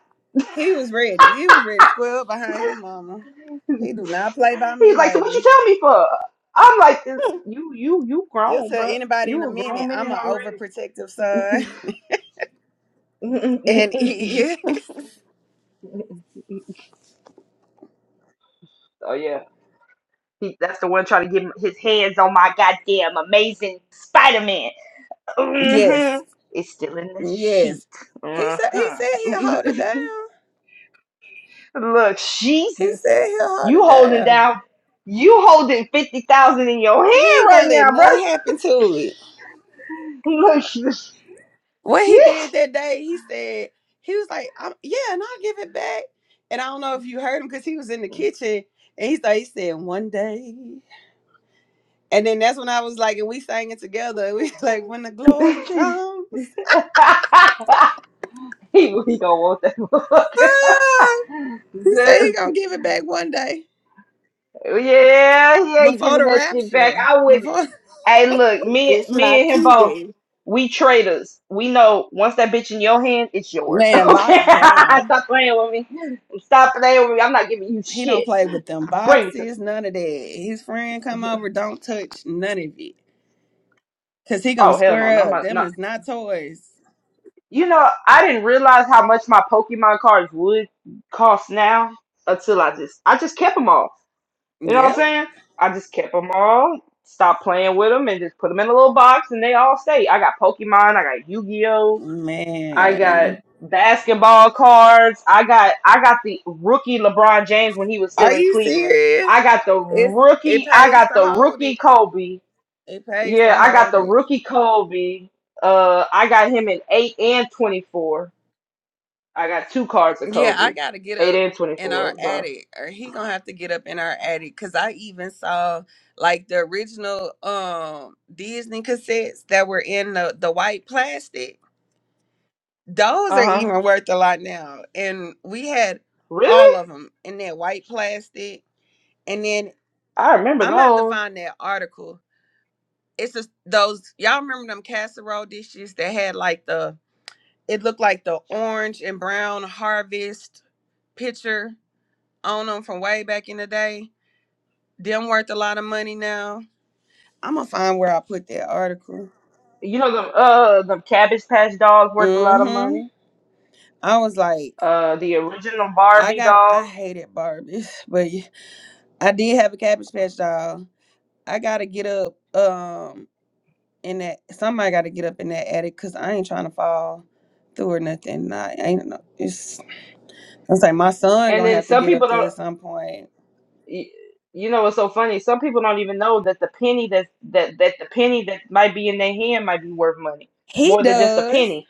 M: he was ready. He was ready to square up behind his mama. He do not play by me,
I: He's like, "So what you
M: baby.
I: tell me for?" I'm like, "You, you, you
M: He'll
I: grown,
M: tell
I: bro.
M: anybody in a
I: You a
M: minute
I: grown
M: I'm
I: man
M: an
I: already."
M: overprotective son. And he is.
A: you.
I: oh yeah, he, that's the one trying to get his hands on my goddamn amazing Spider Man. hmm
M: Yes.
I: It's still in the sheet.
M: Yes. He said he said he'll hold it
I: Uh-huh.
M: down.
I: Look,
M: He
I: Jesus,
M: said he'll hold
I: you
M: it
I: holding
M: down.
I: down, you holding fifty thousand in your
M: He
I: hand
M: ain't gonna
I: right
M: let
I: now, bro.
M: nothing happen to it.
I: Look, shit.
M: what he did that day, he said he was like, I'm, "Yeah, and I'll give it back." And I don't know if you heard him because he was in the kitchen, and he thought he said one day, and then that's when I was like, and we sang it together. We like when the glory
I: he,
M: comes,
I: he gonna want that motherfucker.
M: ah," he said he
I: This,
M: gonna give it back one day
I: yeah, he ain't
M: before
I: giving
M: the
I: that shit back.
M: rapture,
I: I wouldn't.
M: before
I: Hey, look, me,
A: It's my
I: me and him
A: key
I: both.
A: day.
I: We traders. We know once that bitch in your hand, it's yours.
M: man
I: Okay,
M: locked down.
I: stop playing with me. Stop playing with me. I'm not giving you
M: He don't
I: shit.
M: play with them
I: Bring it to
M: boxes, none of that. His friend come over, don't touch none of it, cause he gonna
I: Oh hell no, not
M: square up.
I: my
M: Them
I: not.
M: is not toys.
I: You know, I didn't realize how much my Pokemon cards would cost now until I just I just kept them all. You know what I'm
M: Yep.
I: saying? I just kept them all, stopped playing with them, and just put them in a little box, and they all stay. I got Pokemon, I got Yu-Gi-Oh, I got
M: Man,
I: basketball cards, I got I got the rookie LeBron James when he was
M: are
I: still in
M: you
I: Cleveland.
M: serious?
I: I got the
M: It's it
I: rookie, I
M: pays
I: got
M: to
I: the
M: hold
I: rookie
M: it.
I: Kobe.
M: It pays
I: Yeah,
M: to
I: I got
M: hold
I: the
M: it.
I: rookie Kobe. Uh, I got him in eight and twenty four. I got two cards of
M: Yeah, I
I: Kobe,
M: gotta get
I: eight
M: up
I: and twenty
M: in our
I: four. So,
M: attic, or he gonna have to get up in our attic. Cause I even saw like the original um Disney cassettes that were in the the white plastic. Those are
I: uh huh.
M: even worth a lot now, and we had all
I: Really?
M: of them in that white plastic. And then
I: I remember
M: I'm gonna have to
I: those.
M: find that article it's just those y'all remember them casserole dishes that had like the it looked like the orange and brown harvest picture on them from way back in the day. Them worth a lot of money now. I'm gonna find where I put that article.
I: You know them. Uh, the Cabbage Patch dolls worth a lot of
M: Mm-hmm.
I: money.
M: I was like,
I: Uh, the original
M: I
I: Barbie
M: got, I
I: doll.
M: hated Barbies, but y- I did have a Cabbage Patch doll. I gotta get up, um, in that. Somebody gotta get up in that attic, cause I ain't trying to fall through or nothing. I ain't no. It's I say my son
I: And
M: gonna
I: then
M: have to
I: some
M: get
I: people
M: up there
I: don't.
M: at some point.
I: y- You know what's so funny? Some people don't even know that the penny that that that the penny that might be in their hand might be worth money
M: He
I: more than just a
M: does.
I: penny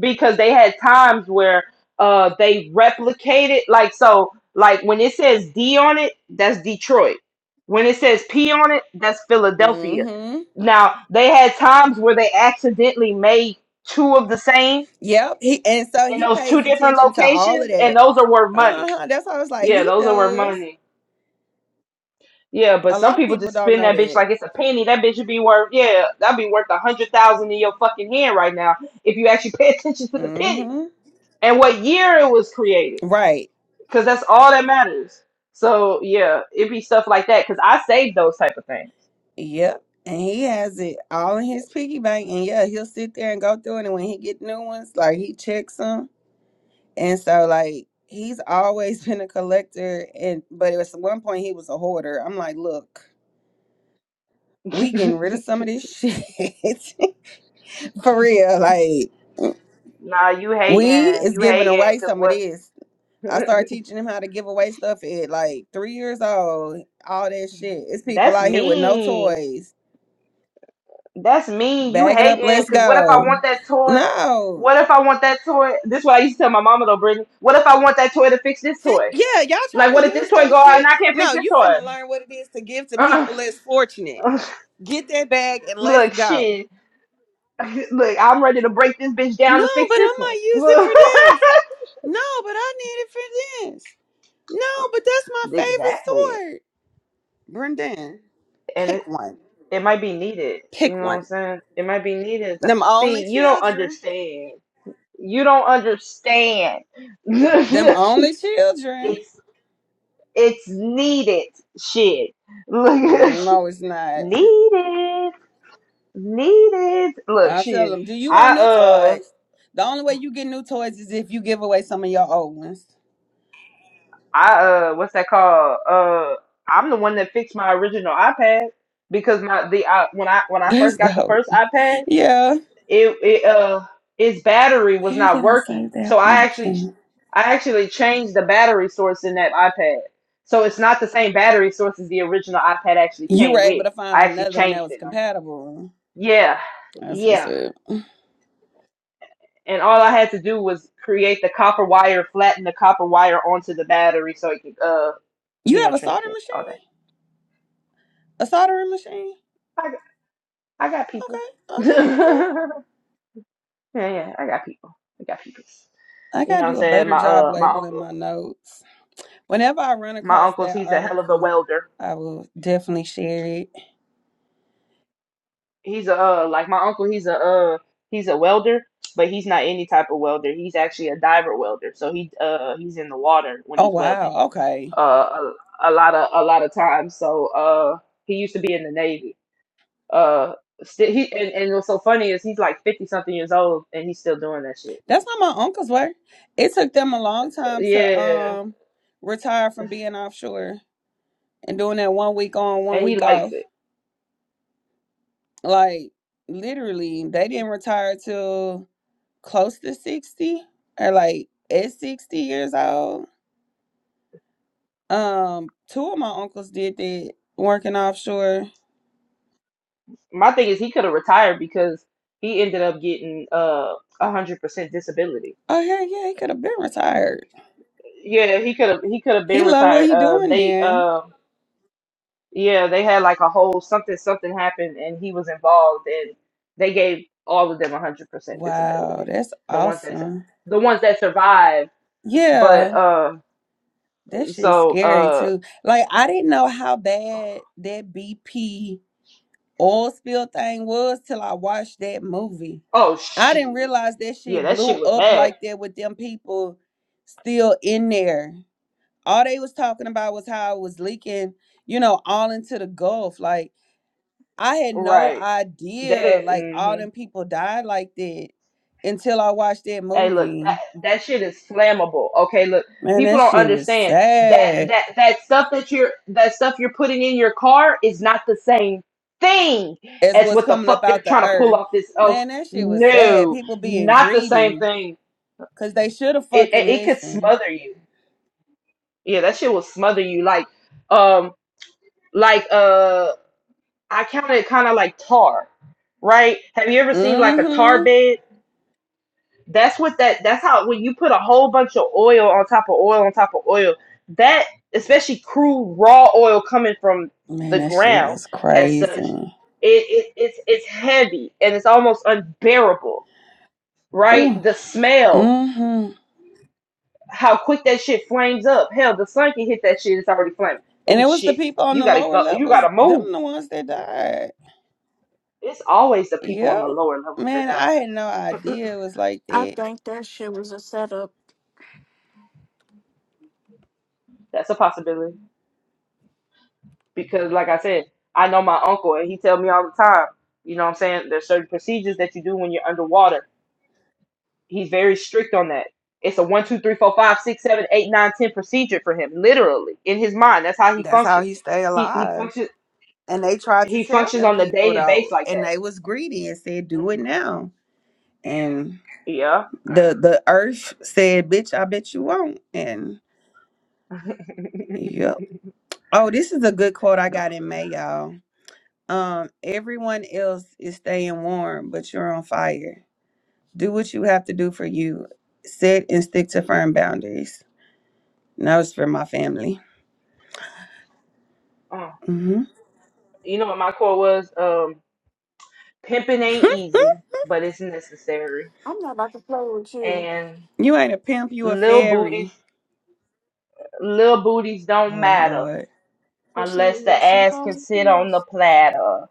I: because they had times where uh they replicated like so like when it says D on it, that's Detroit. When it says P on it, that's Philadelphia.
M: Mm-hmm.
I: Now they had times where they accidentally made two of the same
M: Yep. He and so
I: in
M: he
I: those two
M: pays
I: different
M: attention to all of
I: locations, and
M: that.
I: those are worth money.
M: Uh-huh. That's why I was like,
I: Yeah,
M: he
I: those are worth
M: does.
I: money. Yeah, but
M: A
I: some
M: lot of
I: people
M: people
I: just
M: don't
I: spend
M: know
I: that bitch
M: that.
I: like it's a penny. That bitch would be worth yeah, that'd be worth a hundred thousand in your fucking hand right now if you actually pay attention to the penny
M: Mm-hmm.
I: and what year it was created.
M: Right.
I: because that's all that matters. So yeah, it'd be stuff like that because I save those type of things.
M: Yep. And he has it all in his piggy bank. And yeah, he'll sit there and go through it. And when he get new ones, like he checks them. And so like he's always been a collector. And but it was at one point he was a hoarder. I'm like, look. we getting rid of some of this shit for real. Like
I: nah, you
M: we
I: hating,
M: is
I: you
M: giving
I: hating,
M: away
I: cause
M: some of
I: what?
M: this. I started teaching him how to give away stuff at like three years old. All that shit. It's people
I: That's
M: out here with no
I: mean.
M: toys.
I: That's mean. You
M: Bag it up.
I: hating,
M: Let's
I: cause what if I
M: go.
I: want that toy?
M: No.
I: What if I want that toy? This is what I used to tell my mama though, Brittany. What if I want that toy to fix this
M: See,
I: toy?
M: yeah, y'all try
I: Like,
M: to
I: what if this
M: use
I: toy
M: that
I: go out and
M: shit.
I: I can't fix
M: No,
I: this
M: you
I: toy?
M: finna learn what it is to give to people
I: Uh-uh.
M: less fortunate. Get that bag and let's
I: Look,
M: go.
I: shit. Look, I'm ready to break this bitch down
M: No,
I: to fix
M: but I
I: this one.
M: might use it for
I: Look.
M: this. No, but I need it for this. No, but that's my favorite
I: exactly.
M: sword. Brendan,
I: And it,
M: pick one.
I: it might be needed. You
M: Pick
I: know what I'm
M: one.
I: saying? It might be needed. So-
M: Them only
I: See, you don't
M: children.
I: understand. You don't understand.
M: Them
I: it's
M: only children.
I: it's needed shit. Look
M: Mm, No, it's not.
I: needed. Needed. Look,
M: I tell
I: shit.
M: them, do you
I: I
M: want new
I: uh
M: toys? The only way you get new toys is if you give away some of your old ones.
I: I uh what's that called? Uh I'm the one that fixed my original iPad because my the I, when I when I
M: That's
I: first got the
M: dope.
I: first iPad,
M: Yeah.
I: it it uh its battery was
M: Where
I: not
M: did I
I: working.
M: save that
I: So I actually
M: article?
I: I actually changed the battery source in that iPad. So it's not the same battery source as the original iPad actually
M: You were
I: came
M: able
I: with.
M: to find
I: I actually
M: another one that
I: changed
M: was
I: it. Like,
M: compatible.
I: Yeah.
M: That's what's
I: Yeah.
M: up.
I: And all I had to do was create the copper wire, flatten the copper wire onto the battery so it could uh you
M: You have
I: know,
M: a soldering
I: transmit all
M: machine? A soldering machine?
I: that. I got people.
M: Okay, okay, okay.
I: yeah, yeah, I got people. I got people.
M: I
I: You know
M: gotta
I: what I'm
M: do a
I: saying?
M: better
I: My
M: job
I: uh my
M: labeling my
I: uncle
M: notes. Whenever I run
I: my
M: across
I: uncle's
M: that
I: he's a hell of a
M: article,
I: welder.
M: I will definitely share it.
I: He's a uh like my uncle he's a uh he's a welder, but he's not any type of welder. He's actually a diver welder. So he uh he's in the water when
M: Oh
I: he's welding.
M: wow, okay.
I: Uh a, a lot of a lot of times. So uh he used to be in the Navy. Uh Still, he and, and what's so funny is he's like fifty something years old and he's still doing that shit.
M: That's how my uncles were. It took them a long time to
I: Yeah,
M: um retire from being offshore and doing that one week on, one
I: and he
M: week
I: likes
M: off.
I: it.
M: Like literally, they didn't retire till close to sixty or like at sixty years old. Um, two of my uncles did that working offshore
I: My thing is he could have retired because he ended up getting uh a hundred percent disability.
M: Oh hell yeah, he could have been retired.
I: Yeah, he could have he could have
M: He
I: been
M: love what
I: retired.
M: he
I: Uh,
M: doing
I: they
M: there.
I: uh, yeah, they had like a whole something something happened and he was involved and they gave all of them a hundred percent
M: Wow,
I: disability.
M: that's
I: The ones that su-
M: awesome.
I: the ones that survived,
M: Yeah,
I: but uh,
M: that shit's
I: so
M: scary
I: uh,
M: too. Like I didn't know how bad that BP oil spill thing was till I watched that movie.
I: oh
M: I didn't
I: shit,
M: realize that
I: yeah,
M: shit
I: that
M: blew
I: shit was
M: up
I: bad,
M: like that with them people still in there. All they was talking about was how it was leaking, you know, all into the Gulf. Like I had no
I: right? They
M: idea
I: didn't.
M: like all
I: mm-hmm.
M: them people died like that until I watched that
I: Hey, look, that,
M: movie.
I: that shit is flammable. Okay, look,
M: Man,
I: people
M: that
I: don't
M: shit was
I: understand that
M: sad.
I: that that stuff that you're that stuff you're putting in your car is not the same thing
M: As
I: as
M: what's
I: what the
M: coming
I: fuck
M: up
I: they're
M: out the
I: trying to pull
M: earth.
I: off this. Oh,
M: Man, that shit was sad.
I: no,
M: People being
I: not the same
M: greedy.
I: thing.
M: Cause they should have
I: It it,
M: fucking
I: it could
M: listened.
I: smother you. Yeah, that shit will smother you. Like, um, like uh, I count it kind of like tar, right? Have you ever seen like a tar
M: Mm-hmm.
I: bed? That's what that that's how when you put a whole bunch of oil on top of oil on top of oil, that especially crude raw oil coming from
M: Man,
I: the
M: that shit
I: ground
M: was
I: as such, it,
M: crazy.
I: it it's it's heavy and it's almost unbearable, right?
M: Ooh.
I: The smell,
M: Mm-hmm.
I: how quick that shit flames up. Hell, the sun can hit that shit, it's already flaming.
M: And
I: Oh
M: it was the
I: shit.
M: people on
I: You
M: the
I: gotta
M: lower
I: go you
M: levels,
I: gotta
M: them
I: move.
M: the ones that died.
I: It's always the people on the
M: Yep.
I: lower levels that
M: Man,
I: die.
M: I had no idea it was like
A: I
M: that.
A: think that shit was a setup.
I: That's a possibility. because like I said, I know my uncle and he tell me all the time, you know what I'm saying? There's certain procedures that you do when you're underwater. He's very strict on that. It's a one, two, three, four, five, six, seven, eight, nine, ten procedure for him, literally, in his mind. That's how he
M: That's how
I: functions.
M: he stayed
I: He he
M: alive.
I: functions
M: And they tried to
I: he
M: tell
I: functions
M: them
I: on the
M: people
I: day base
M: though,
I: like
M: and
I: that.
M: they was greedy and said, "Do it now." And
I: Yeah.
M: the the earth said, "Bitch, I bet you won't." And yep.
I: the,
M: Oh, this is a good quote I got in May, y'all. Um, everyone else is staying warm, but you're on fire. Do what you have to do for you. Set and stick to firm boundaries. And that was for my family.
I: uh,
M: hmm
I: you know what my quote was? Um, pimping ain't easy, but it's necessary.
A: I'm not about to play with you.
I: And
M: you ain't a pimp, you a
I: little
M: fairy.
I: booties little booties don't
M: Oh
I: matter.
M: Lord.
A: You
I: Unless
A: sneaking
I: the
A: with you
I: ass can
A: on
I: sit on the
A: things.
I: platter.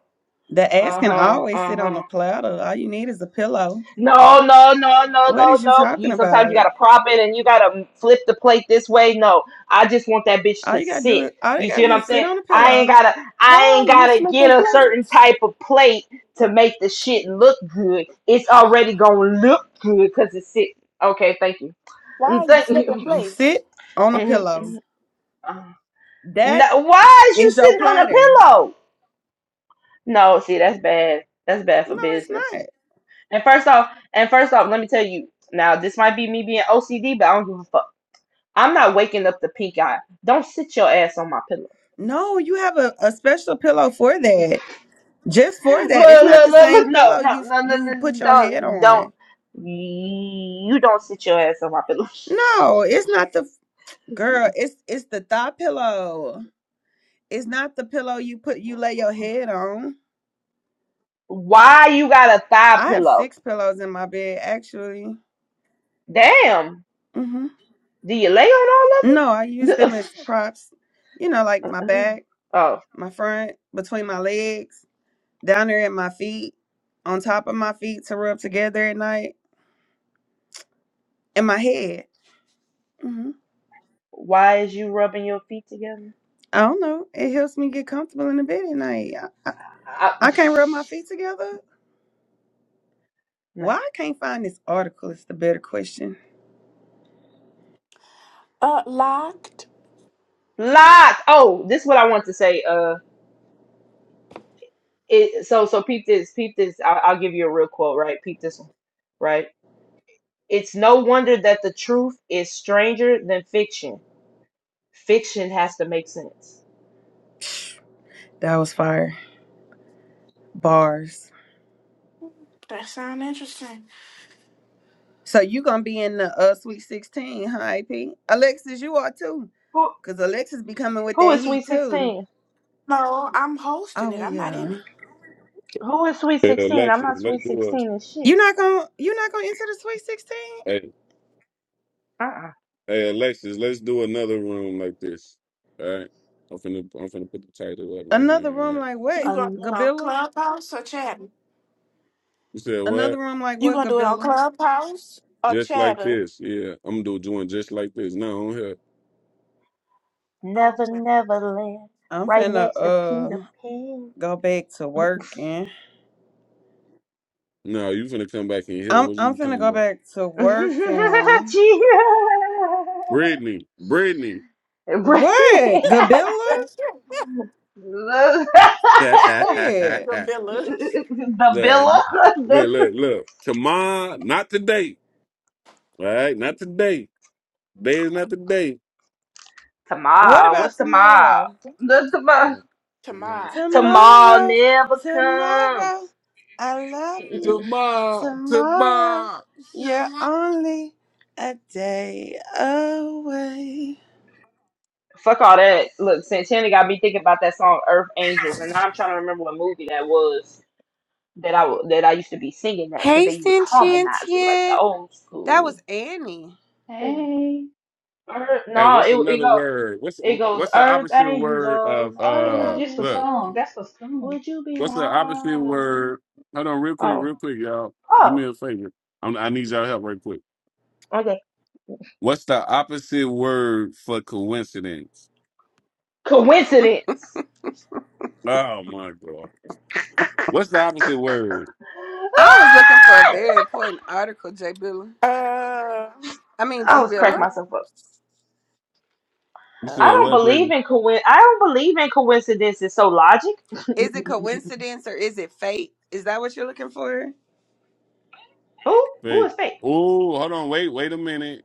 M: The ass
I: Uh
M: can
I: huh.
M: always
I: Uh
M: sit on
I: huh.
M: a platter. All you need is a pillow.
I: No, no, no, no,
M: What
I: no,
M: is you
I: no.
M: talking
I: You sometimes you
M: about?
I: gotta prop it and you gotta flip the plate this way. No, I just want that bitch
M: All
I: to
M: you gotta do
I: sit.
M: is all you
I: You see
M: gotta
I: what
M: do
I: I'm
M: is sit
I: saying?
M: on a
I: I ain't
M: pillow.
I: gotta. I ain't
A: Why you
I: gotta get
A: slipping
I: a certain
A: plates?
I: type of plate to make the shit look good. It's already gonna look good because it's sitting. Okay, thank you. Mm,
A: Why you
I: Thank
A: slipping
I: you.
M: You
A: plates?
M: sit on a
I: Mhm,
M: pillow.
I: mhm. Uh,
M: That
I: No, why is you
M: is your
I: sitting on a
M: platter.
I: pillow? No, see, that's bad. That's bad
M: No,
I: for
M: it's
I: business.
M: not.
I: And first off, and first off, let me tell you. Now, this might be me being OCD, but I don't give a fuck. I'm not waking up the pink eye. Don't sit your ass on my pillow.
M: No, you have a, a special pillow for that. Just for that. It's
I: Look,
M: not
I: look,
M: the
I: look,
M: same
I: look. No,
M: pillow
I: no,
M: you
I: no, no,
M: you put
I: no.
M: your head
I: Don't, don't.
M: on.
I: You don't sit your ass on my pillow.
M: No, it's not the girl, it's it's the thigh pillow. It's not the pillow you put you lay your head on.
I: Why you got a thigh
M: I have
I: pillow?
M: six pillows in my bed actually.
I: Damn.
M: hmm
I: Do you lay on
M: No, I
I: all
M: use
I: of
M: them as
I: them?
M: props. You know, like my
I: Uh-uh.
M: back,
I: oh,
M: my front, between my legs, down there at my feet, on top of my feet to rub together at night, and my head. hmm
I: why is you rubbing your feet together?
M: I don't know. It helps me get comfortable in the bed at night. I, I,
I: I,
M: I can't rub my feet together.
I: no.
M: Why I can't find this article is the better question.
A: Uh, locked.
I: Lots. Oh, this is what I want to say. Uh, it so so peep this, peep this. I'll, I'll give you a real quote, right? Peep this one, right? It's no wonder that the truth is stranger than fiction. Fiction has to make sense.
M: That was fire. Bars.
A: That sound interesting.
M: So you gonna be in the uh Sweet 16, huh, AP? Alexis, you are too.
I: Who
M: Cause Alexis be coming with
I: who
M: that
I: is
M: heat
I: sweet
M: too.
I: sixteen?
A: No, I'm
M: Oh
A: hosting it.
M: well,
A: I'm not
M: yeah.
A: in it.
I: Who is sweet
H: Hey,
I: sixteen? I'm
H: Alexis,
I: not
H: let's
I: sweet
H: do a
I: sixteen and shit.
M: you not gonna you not gonna enter the Sweet Sixteen.
H: hey,
I: Uh-uh.
H: hey Alexis, let's do another room like this. All right. I'm finna I'm finna put the title up right now.
M: Another
H: All
M: room
H: right.
M: like what?
A: You gonna do it
I: Another
A: on
M: Gabilla.
A: Clubhouse or Chatter?
H: You said
M: Another
H: what?
M: room like
A: You
M: what?
A: gonna do it on
M: Gabilla.
A: Clubhouse or
H: Just like
A: Chatter?
H: this. Yeah. I'm gonna do doing just like this. No, I'm here.
A: Oh,
I: never
A: okay.
I: never land,
M: I'm
I: right
M: finna
I: next to Peter
M: uh
I: Pan.
M: go back to work and
H: No, you finna come back in here.
M: I'm
H: What
M: I'm
H: you
M: finna
H: talking
M: go
H: about?
M: back to work and
I: Gee.
H: Brittany. Brittany.
M: what? Gabilla?
I: Look.
H: look, I,
M: Shit.
A: The villas.
I: the
H: kn-
I: villa.
H: look,
I: That's
H: look, look. Tomorrow, not today. All right, not today. Today is not the day.
M: What
I: Tamal.
M: about
I: What's Tamal?
M: tomorrow?
I: That's Tamal.
H: Tomorrow.
A: Tamar.
I: Tamal
M: Tomorrow,
I: never comes.
M: tomorrow, I love
I: Mm-mm-mm.
M: you.
H: Tomorrow.
M: Tomorrow,
H: Tomorrow.
M: you're only a day away.
I: Fuck all that. Look, Santana got me thinking about that song Earth Angels, and now I'm trying to remember what movie that was that I w- that I used to be singing that because
M: Hey,
I: they was harmonizing like the
M: sentient.
I: old
M: That was
I: school.
M: Annie.
I: Ooh.
L: Hey,
I: Earth,
H: Hey,
I: no,
H: what's
I: it it
H: another
I: go
H: word? What's
I: it goes
H: what's the
I: Earth
H: opposite word
I: Angels,
H: of
L: it
I: Earth
L: was
H: uh
L: just a
H: look,
L: song.
I: Angels,
L: That's a song.
I: would you be
H: what's the opposite
I: mine?
H: word? Hold on real quick,
I: Oh,
H: real quick, y'all. Do
I: oh,
H: me a favor. I'm, I need y'all help right quick.
I: okay.
H: What's the opposite word for coincidence?
I: Coincidence.
H: Oh my god. What's the opposite word?
M: I was looking for a
I: Ah!
M: very important article, J. Billa.
A: Uh,
M: I mean,
I: I
M: G.
I: was cracking
M: Billa.
I: myself up.
A: occurrence.
H: You
I: I
H: said
A: Uh,
I: don't
H: what,
I: believe
H: Brittany?
I: in coin. I don't believe in coincidences. So logic.
M: Is it coincidence or is it fate? Is that what you're looking for?
I: who who
H: Wait.
I: is fake?
H: Oh, hold on, wait, wait a minute.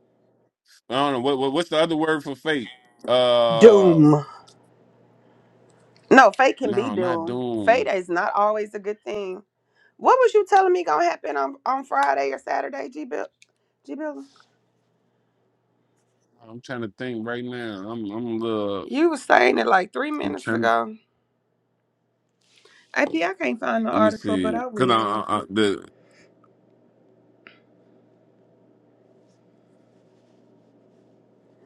H: I don't know what, what what's the other word for fate. Uh,
M: Doom. No, fate can be
H: no, not
M: doom. Fate
H: doom.
M: is not always a good thing. What was you telling me gonna happen on, on Friday or Saturday, G Bill G Bill?
H: I'm trying to think right now. I'm I'm a little.
M: You was saying it like three
H: I'm
M: minutes
H: trying.
M: ago. AP, I can't find the
H: Let me
M: article, but
H: see.
M: I
H: Cause I,
M: will.
H: I, I the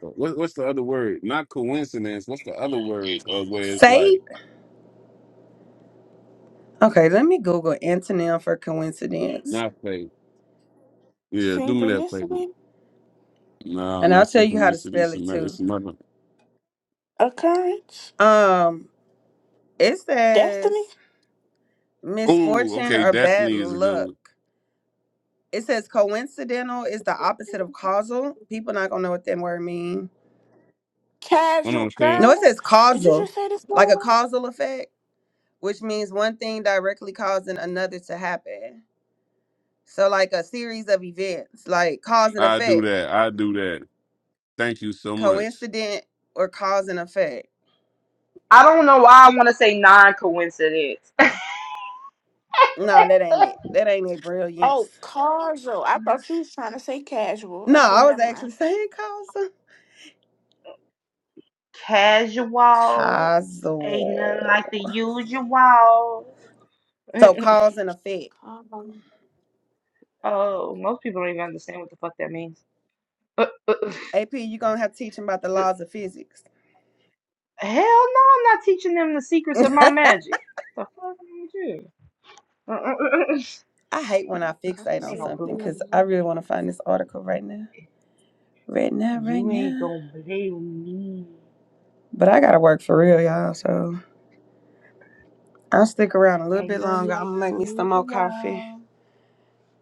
H: what, what's the other word? Not coincidence. What's the other word? Uh, where it's
M: Fate?
H: like
M: Okay, let me Google antonym for coincidence.
H: not fate. Yeah, do me that favor.
A: synchronicity.
H: No,
M: And I'll
H: not
M: tell you how to
H: synchronicity.
M: spell
H: It's
M: it
H: another.
M: too.
H: It's another.
A: Occurrence.
M: Um, it
A: Destiny.
M: says
H: Oh,
M: misfortune
H: okay.
M: or bad
H: Destiny is a good
M: luck.
H: one.
M: It says coincidental is the opposite of causal. People not gonna know what that word mean.
H: Hold
A: Casual
H: on, say it.
M: No, it
A: girl,
M: says
A: did you
M: causal,
A: just say this
M: like a
A: word?
M: causal effect. which means one thing directly causing another to happen. So, like a series of events, like cause and
H: I do
M: effect,
H: that. I do that. Thank you so much.
M: coincident or cause and effect.
I: I don't know why I want to say non-coincidence.
M: No, that ain't it. That ain't it, brilliance.
A: Oh, casual. I thought she was trying to say casual.
M: No,
A: Okay,
M: I was
A: never
M: actually
A: mind.
M: saying causal.
I: Casual ain't nothing like the
M: Causal.
I: usual.
M: So, cause and effect.
A: Casual.
I: oh, most people don't even understand what the fuck that means. Uh, uh,
M: AP, you're going to have to teach him about the
I: the-
M: laws of physics.
I: Hell no, I'm not teaching them the secrets of my magic. The fuck am I doing? Uh, uh, uh, uh. You
M: I hate when I
A: I can
M: fixate on
I: ain't
A: see.
I: gonna
M: something because I really want to find this article right now. Right now, right
I: You ain't
M: now.
I: gonna blame me.
M: But I got to work for real, y'all, so. I'll stick around a little
I: Ain't
M: bit
I: nothing
M: longer. I'm
I: like
M: gonna
I: the
M: make me some more coffee,
I: usual.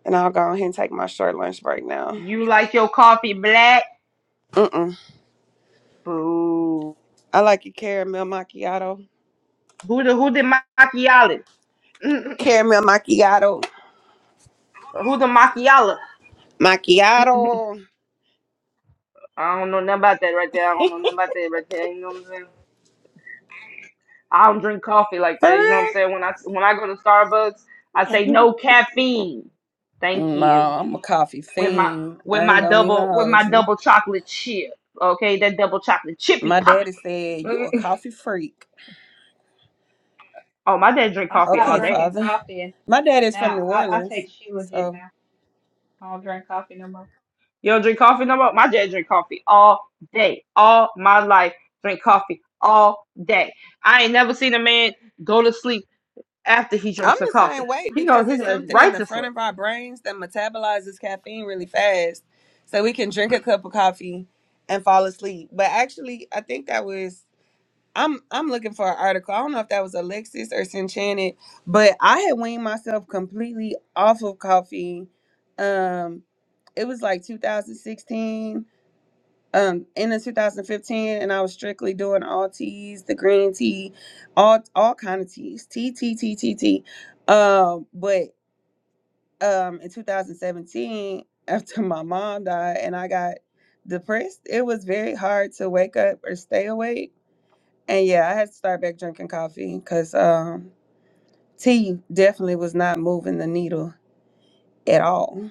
M: and I'll go ahead and take my short lunch break now.
I: You like your coffee black?
M: Mm-mm.
I: Boo.
M: I like your caramel macchiato.
I: Who the who the macchiato? who
M: Caramel macchiato.
I: the macchiato?
M: Macchiato.
I: I don't know nothing about that right there. I don't know nothing about that right there. You know what I'm saying? I don't drink coffee like
M: For
I: that. You know what I'm
M: real?
I: saying? When I when I go to Starbucks, I say no caffeine. Thank
M: No,
I: you.
M: I'm a coffee
I: With my
M: fiend.
I: with
M: I
I: my
M: ain't gonna even
I: double with
M: hold
I: my
M: you.
I: double chocolate chip. Okay, that double chocolate chip be
M: My daddy
I: popping.
M: said you a coffee freak.
I: Oh, my dad drink
L: I
I: coffee
L: stopped
I: all
M: Okay,
I: day.
L: drinking
M: father.
L: coffee and
M: My dad is from
L: now
M: New
L: I, I
M: Orleans,
L: take Shilajit
M: so.
L: now. I don't drink coffee no more.
I: You don't drink coffee no more? My dad drink coffee all day. All my life, drink coffee all day. I ain't never seen a man go to sleep after he
M: I'm
I: drinks a
M: the
I: coffee.
M: same way
I: He goes
M: because
I: his
M: it's
I: ass
M: something in
I: right
M: the
I: to
M: front
I: sleep.
M: of our brains that metabolizes caffeine really fast. So we can drink a cup of coffee and fall asleep. But actually, I think that was I'm I'm looking for an article. I don't know if that was Alexis or Sinchanted, but I had weaned myself completely off of coffee. Um it was like 2016 um in the 2015 and I was strictly doing all teas, the green tea, all all kind of teas, tea, tea, tea, tea, tea. Um, but um in 2017, after my mom died and I got depressed, it was very hard to wake up or stay awake. And yeah, I had to start back drinking coffee because um tea definitely was not moving the needle at all.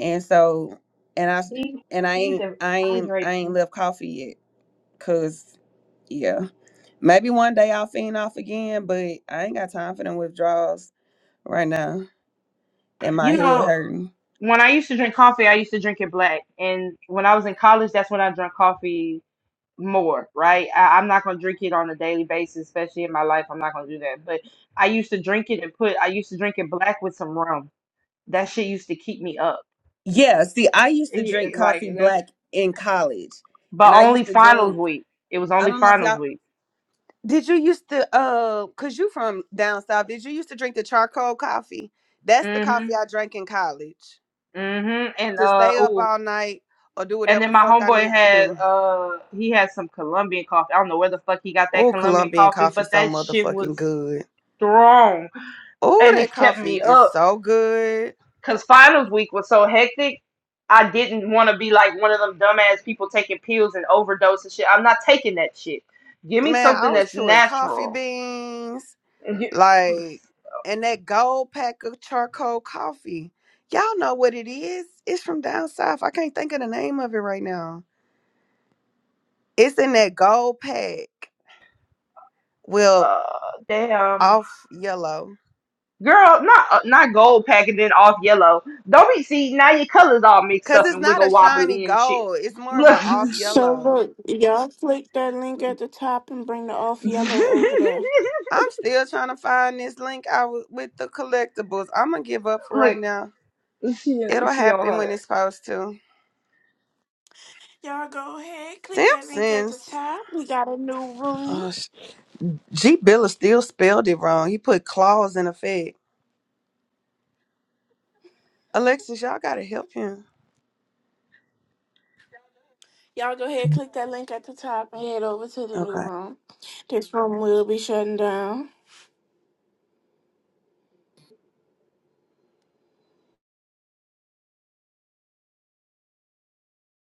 M: And so and I
L: He
M: and I
L: he
M: ain't I ain't I
L: dehydrates you.
M: ain't left coffee yet because yeah. Maybe one day I'll fiend off again, but I ain't got time for them withdrawals right now. And my
I: You
M: head
I: know,
M: hurting.
I: when I used to drink coffee, I used to drink it black. And when I was in college, that's when I drank coffee more, right? I, I'm not gonna drink it on a daily basis, especially in my life. I'm not gonna do that. But I used to drink it and put I used to drink it black with some rum. That shit used to keep me up.
M: Yeah, see, I used to
I: He,
M: drink
I: like
M: coffee
I: that's
M: black in college. And
I: but
M: I
I: only
M: used to
I: finals
M: drink,
I: week. It was
M: I
I: only
M: don't know if
I: finals
M: y'all
I: week.
M: did you used to uh cause you from down south, did you used to drink the charcoal coffee? That's the coffee
I: Mhm.
M: I drank in college.
I: Mhm. And
M: To
I: uh
M: stay up
I: ooh.
M: all night or do
I: And
M: whatever
I: then
M: the
I: my
M: fuck I
I: homeboy
M: need to
I: had
M: do.
I: uh he had some Colombian coffee. I don't know where the fuck he got that
M: Oh,
I: Colombian
M: Colombian
I: coffee,
M: coffee
I: but
M: so
I: that shit
M: motherfucking
I: was
M: good.
I: strong
M: Oh,
I: and
M: that
I: it kept
M: coffee
I: me
M: is
I: up
M: so good.
I: cuz finals week was so hectic. I didn't want to be like one of them dumbass people taking pills and overdose and shit. I'm not taking that shit. Give me
M: Man, I
I: something
M: was
I: that's
M: chewing coffee
I: natural.
M: beans,
I: And you-
M: like, and that gold pack of charcoal coffee. Y'all know what it is? It's from down south. I can't think of the name of it right now. It's in that gold pack. Well,
I: Uh, damn.
M: off yellow.
I: Girl, not uh, not gold packaging off yellow. Don't be see now your colors all mixed
M: Cause
I: up
M: it's
I: and
M: not a
I: wiggle
M: shiny
I: wobbly and shit.
M: gold. It's more of a
I: Look,
M: off
A: So
M: yellow.
A: look, y'all click that link at the top and bring the off yellow over there.
M: I'm still trying to find this link out was with the collectibles. I'm gonna give up for
I: look,
M: right now.
I: she
M: It'll
I: she on
M: happen
I: her.
M: when it's supposed to.
A: Y'all go ahead, click that link at the
M: Simpsons.
A: top. We got a new room.
M: Oh G. Billa still spelled it wrong. He put claws in effect. Alexis, y'all gotta help him.
A: Y'all go ahead, click that link at the top and head over to the new
M: Okay.
A: room. This room will be shutting down.